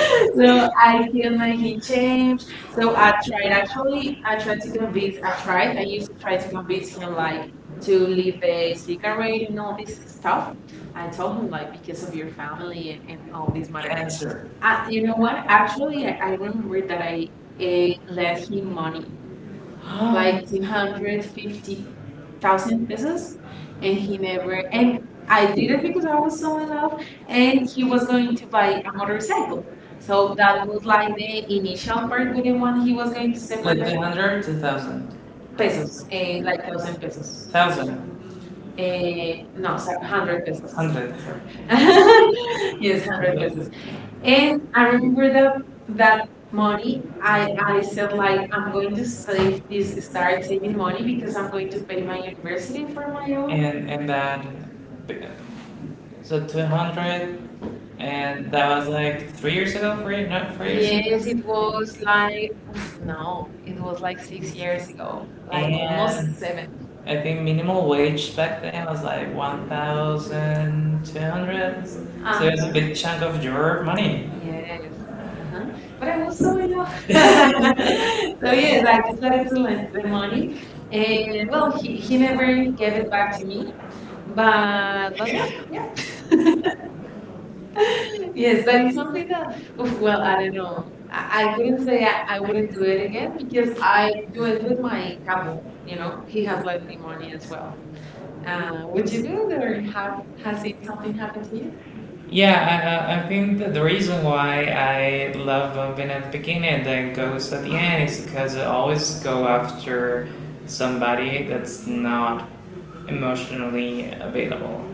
Speaker 1: So
Speaker 2: So
Speaker 1: it
Speaker 2: I
Speaker 1: might
Speaker 2: can make him
Speaker 1: be
Speaker 2: change. So
Speaker 1: so
Speaker 2: I tried actually.
Speaker 1: actually,
Speaker 2: I tried to
Speaker 1: it's gonna be
Speaker 2: convince.
Speaker 1: a
Speaker 2: I tried.
Speaker 1: try
Speaker 2: I used to try to convince him like
Speaker 1: to
Speaker 2: to leave
Speaker 1: leave the
Speaker 2: the
Speaker 1: speaker
Speaker 2: cigarette
Speaker 1: already
Speaker 2: and all this
Speaker 1: noise.
Speaker 2: stuff. I
Speaker 1: I
Speaker 2: told
Speaker 1: told
Speaker 2: him
Speaker 1: him
Speaker 2: like
Speaker 1: like
Speaker 2: because
Speaker 1: because
Speaker 2: of
Speaker 1: of your.
Speaker 2: your family and all this matter.
Speaker 1: Answer.
Speaker 2: You
Speaker 1: You know
Speaker 2: know
Speaker 1: what?
Speaker 2: what? Actually, I
Speaker 1: I
Speaker 2: remember
Speaker 1: remember
Speaker 2: that
Speaker 1: that
Speaker 2: I
Speaker 1: a
Speaker 2: lent him
Speaker 1: asking money
Speaker 2: money like
Speaker 1: like
Speaker 2: two
Speaker 1: two
Speaker 2: hundred
Speaker 1: hundred
Speaker 2: fifty.
Speaker 1: fifty
Speaker 2: Thousand
Speaker 1: thousand
Speaker 2: pesos
Speaker 1: pesos, and
Speaker 2: and
Speaker 1: he
Speaker 2: he never and
Speaker 1: and
Speaker 2: I
Speaker 1: I
Speaker 2: did
Speaker 1: didn't
Speaker 2: it
Speaker 1: think
Speaker 2: because
Speaker 1: that
Speaker 2: I
Speaker 1: I
Speaker 2: was
Speaker 1: was
Speaker 2: so in love,
Speaker 1: someone.
Speaker 2: and
Speaker 1: And
Speaker 2: he
Speaker 1: he
Speaker 2: was
Speaker 1: was
Speaker 2: going
Speaker 1: going to
Speaker 2: to buy
Speaker 1: buy
Speaker 2: a motorcycle. So
Speaker 1: so
Speaker 2: that
Speaker 1: that
Speaker 2: was
Speaker 1: was
Speaker 2: like
Speaker 1: like
Speaker 2: the
Speaker 1: the initial
Speaker 2: initial part
Speaker 1: part
Speaker 2: with the one
Speaker 1: minimum
Speaker 2: he
Speaker 1: he
Speaker 2: was
Speaker 1: was
Speaker 2: going
Speaker 1: going to
Speaker 2: to
Speaker 1: say
Speaker 2: separate
Speaker 1: like 200, 2,000,
Speaker 2: pesos,
Speaker 1: pesos,
Speaker 2: like
Speaker 1: like
Speaker 2: thousand
Speaker 1: thousand
Speaker 2: pesos.
Speaker 1: pesos, thousand, eh,
Speaker 2: No,
Speaker 1: no, so
Speaker 2: sorry, hundred
Speaker 1: hundred pesos,
Speaker 2: pesos.
Speaker 1: hundred.
Speaker 2: Sorry. Yes,
Speaker 1: Yes,
Speaker 2: hundred
Speaker 1: hundred
Speaker 2: pesos.
Speaker 1: pesos.
Speaker 2: And
Speaker 1: And
Speaker 2: I
Speaker 1: I remember
Speaker 2: remember that
Speaker 1: that
Speaker 2: that
Speaker 1: that
Speaker 2: money,
Speaker 1: money,
Speaker 2: I, I
Speaker 1: I
Speaker 2: said
Speaker 1: said
Speaker 2: like, "I'm
Speaker 1: I'm
Speaker 2: going
Speaker 1: going
Speaker 2: to
Speaker 1: to
Speaker 2: save
Speaker 1: say
Speaker 2: this
Speaker 1: please
Speaker 2: start
Speaker 1: start
Speaker 2: saving
Speaker 1: saving
Speaker 2: money
Speaker 1: money
Speaker 2: because
Speaker 1: because
Speaker 2: I'm
Speaker 1: I'm
Speaker 2: going
Speaker 1: going
Speaker 2: to
Speaker 1: to pay
Speaker 2: pay my
Speaker 1: my
Speaker 2: university
Speaker 1: university
Speaker 2: for
Speaker 1: for
Speaker 2: my
Speaker 1: my own.
Speaker 2: own."
Speaker 1: And that, so 200, and that was like 3 years ago, 4 years, not 4 years.
Speaker 2: Yes,
Speaker 1: Yes,
Speaker 2: it
Speaker 1: it was.
Speaker 2: was like, oof, no, it was like 6 years ago, like almost
Speaker 1: And
Speaker 2: 7.
Speaker 1: I think minimal wage back then was like 1,200. So it was a
Speaker 2: Uh-huh.
Speaker 1: big chunk of your money. But
Speaker 2: Yes. Uh-huh. But I
Speaker 1: I
Speaker 2: was
Speaker 1: also so
Speaker 2: so in love.
Speaker 1: much.
Speaker 2: So yes, I
Speaker 1: Back
Speaker 2: decided
Speaker 1: to
Speaker 2: to lend
Speaker 1: my
Speaker 2: the
Speaker 1: the
Speaker 2: money.
Speaker 1: money.
Speaker 2: And
Speaker 1: And
Speaker 2: well,
Speaker 1: well,
Speaker 2: he
Speaker 1: he never
Speaker 2: never
Speaker 1: really
Speaker 2: gave
Speaker 1: gave
Speaker 2: it
Speaker 1: it
Speaker 2: back
Speaker 1: back
Speaker 2: to
Speaker 1: to
Speaker 2: me.
Speaker 1: me. But
Speaker 2: But well,
Speaker 1: yeah,
Speaker 2: yeah. Yes,
Speaker 1: yes,
Speaker 2: that
Speaker 1: that
Speaker 2: is
Speaker 1: is
Speaker 2: something
Speaker 1: one.
Speaker 2: that, oof, well, I don't know. I
Speaker 1: I
Speaker 2: couldn't
Speaker 1: didn't
Speaker 2: say
Speaker 1: say
Speaker 2: I wouldn't do
Speaker 1: do
Speaker 2: it
Speaker 1: it
Speaker 2: again
Speaker 1: again
Speaker 2: because
Speaker 1: because
Speaker 2: I
Speaker 1: I
Speaker 2: do
Speaker 1: do it
Speaker 2: it with
Speaker 1: with
Speaker 2: my
Speaker 1: my,
Speaker 2: couple, you
Speaker 1: you
Speaker 2: know,
Speaker 1: know,
Speaker 2: he
Speaker 1: he
Speaker 2: has
Speaker 1: has.
Speaker 2: lent me money as well.
Speaker 1: Uh,
Speaker 2: Would
Speaker 1: would
Speaker 2: you
Speaker 1: you
Speaker 2: do
Speaker 1: do
Speaker 2: it
Speaker 1: it or
Speaker 2: or have
Speaker 1: have, has
Speaker 2: has it something
Speaker 1: something
Speaker 2: happened
Speaker 1: happened to
Speaker 2: to you?
Speaker 1: you? Yeah, I think that the reason why I love Vin at the beginning and then Ghost at the end is because I always go after somebody that's not emotionally available.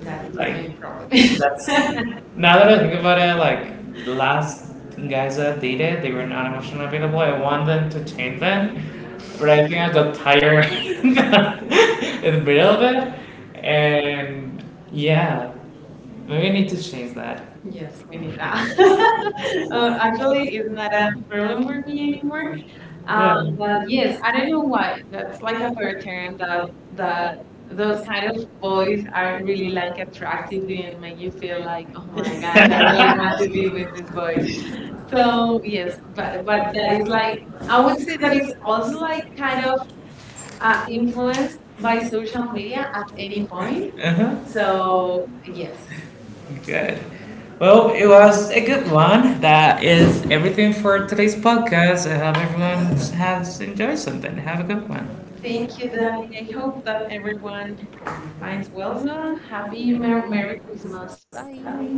Speaker 2: That's the main
Speaker 1: Like,
Speaker 2: problem.
Speaker 1: that's, now that I think about it, like, the last guys that I dated, they were not emotionally available. I want them to change them, but I think I got tired in the middle of it. And yeah, we need to change that.
Speaker 2: Yes,
Speaker 1: Yes,
Speaker 2: we
Speaker 1: we
Speaker 2: need
Speaker 1: need
Speaker 2: that.
Speaker 1: that. Uh,
Speaker 2: Actually, it's not a problem
Speaker 1: remember
Speaker 2: for me
Speaker 1: me
Speaker 2: anymore.
Speaker 1: anymore? Yeah,
Speaker 2: But
Speaker 1: but
Speaker 2: yes,
Speaker 1: yes,
Speaker 2: I don't
Speaker 1: I don't
Speaker 2: know
Speaker 1: know
Speaker 2: why. That's like a pattern that that
Speaker 1: that
Speaker 2: those
Speaker 1: those
Speaker 2: kind of
Speaker 1: kind of
Speaker 2: boys
Speaker 1: boys
Speaker 2: are
Speaker 1: are
Speaker 2: really
Speaker 1: really like
Speaker 2: like attractive
Speaker 1: attractive
Speaker 2: and
Speaker 1: and
Speaker 2: make
Speaker 1: when
Speaker 2: you
Speaker 1: you
Speaker 2: feel
Speaker 1: feel like,
Speaker 2: like, "Oh
Speaker 1: oh
Speaker 2: my
Speaker 1: my
Speaker 2: gosh,
Speaker 1: god,
Speaker 2: I
Speaker 1: I
Speaker 2: really
Speaker 1: really
Speaker 2: want
Speaker 1: have
Speaker 2: to
Speaker 1: to
Speaker 2: be
Speaker 1: be
Speaker 2: with this
Speaker 1: with
Speaker 2: boy."
Speaker 1: this boy.
Speaker 2: So
Speaker 1: So
Speaker 2: yes,
Speaker 1: yes,
Speaker 2: but
Speaker 1: but
Speaker 2: that
Speaker 1: that
Speaker 2: is
Speaker 1: is
Speaker 2: like
Speaker 1: like,
Speaker 2: I
Speaker 1: I
Speaker 2: would
Speaker 1: would
Speaker 2: say that
Speaker 1: say,
Speaker 2: is also like kind of
Speaker 1: uh,
Speaker 2: influenced
Speaker 1: influence,
Speaker 2: by social media at any point.
Speaker 1: influence. Uh huh.
Speaker 2: So
Speaker 1: So
Speaker 2: yes,
Speaker 1: yes. Good. Well, it was a good one. That is everything for today's podcast. I hope everyone has enjoyed something. Have a good one. Thank
Speaker 2: thank you, Dai.
Speaker 1: you.
Speaker 2: I hope that everyone finds well. Happy Merry Christmas. Bye.
Speaker 1: Bye.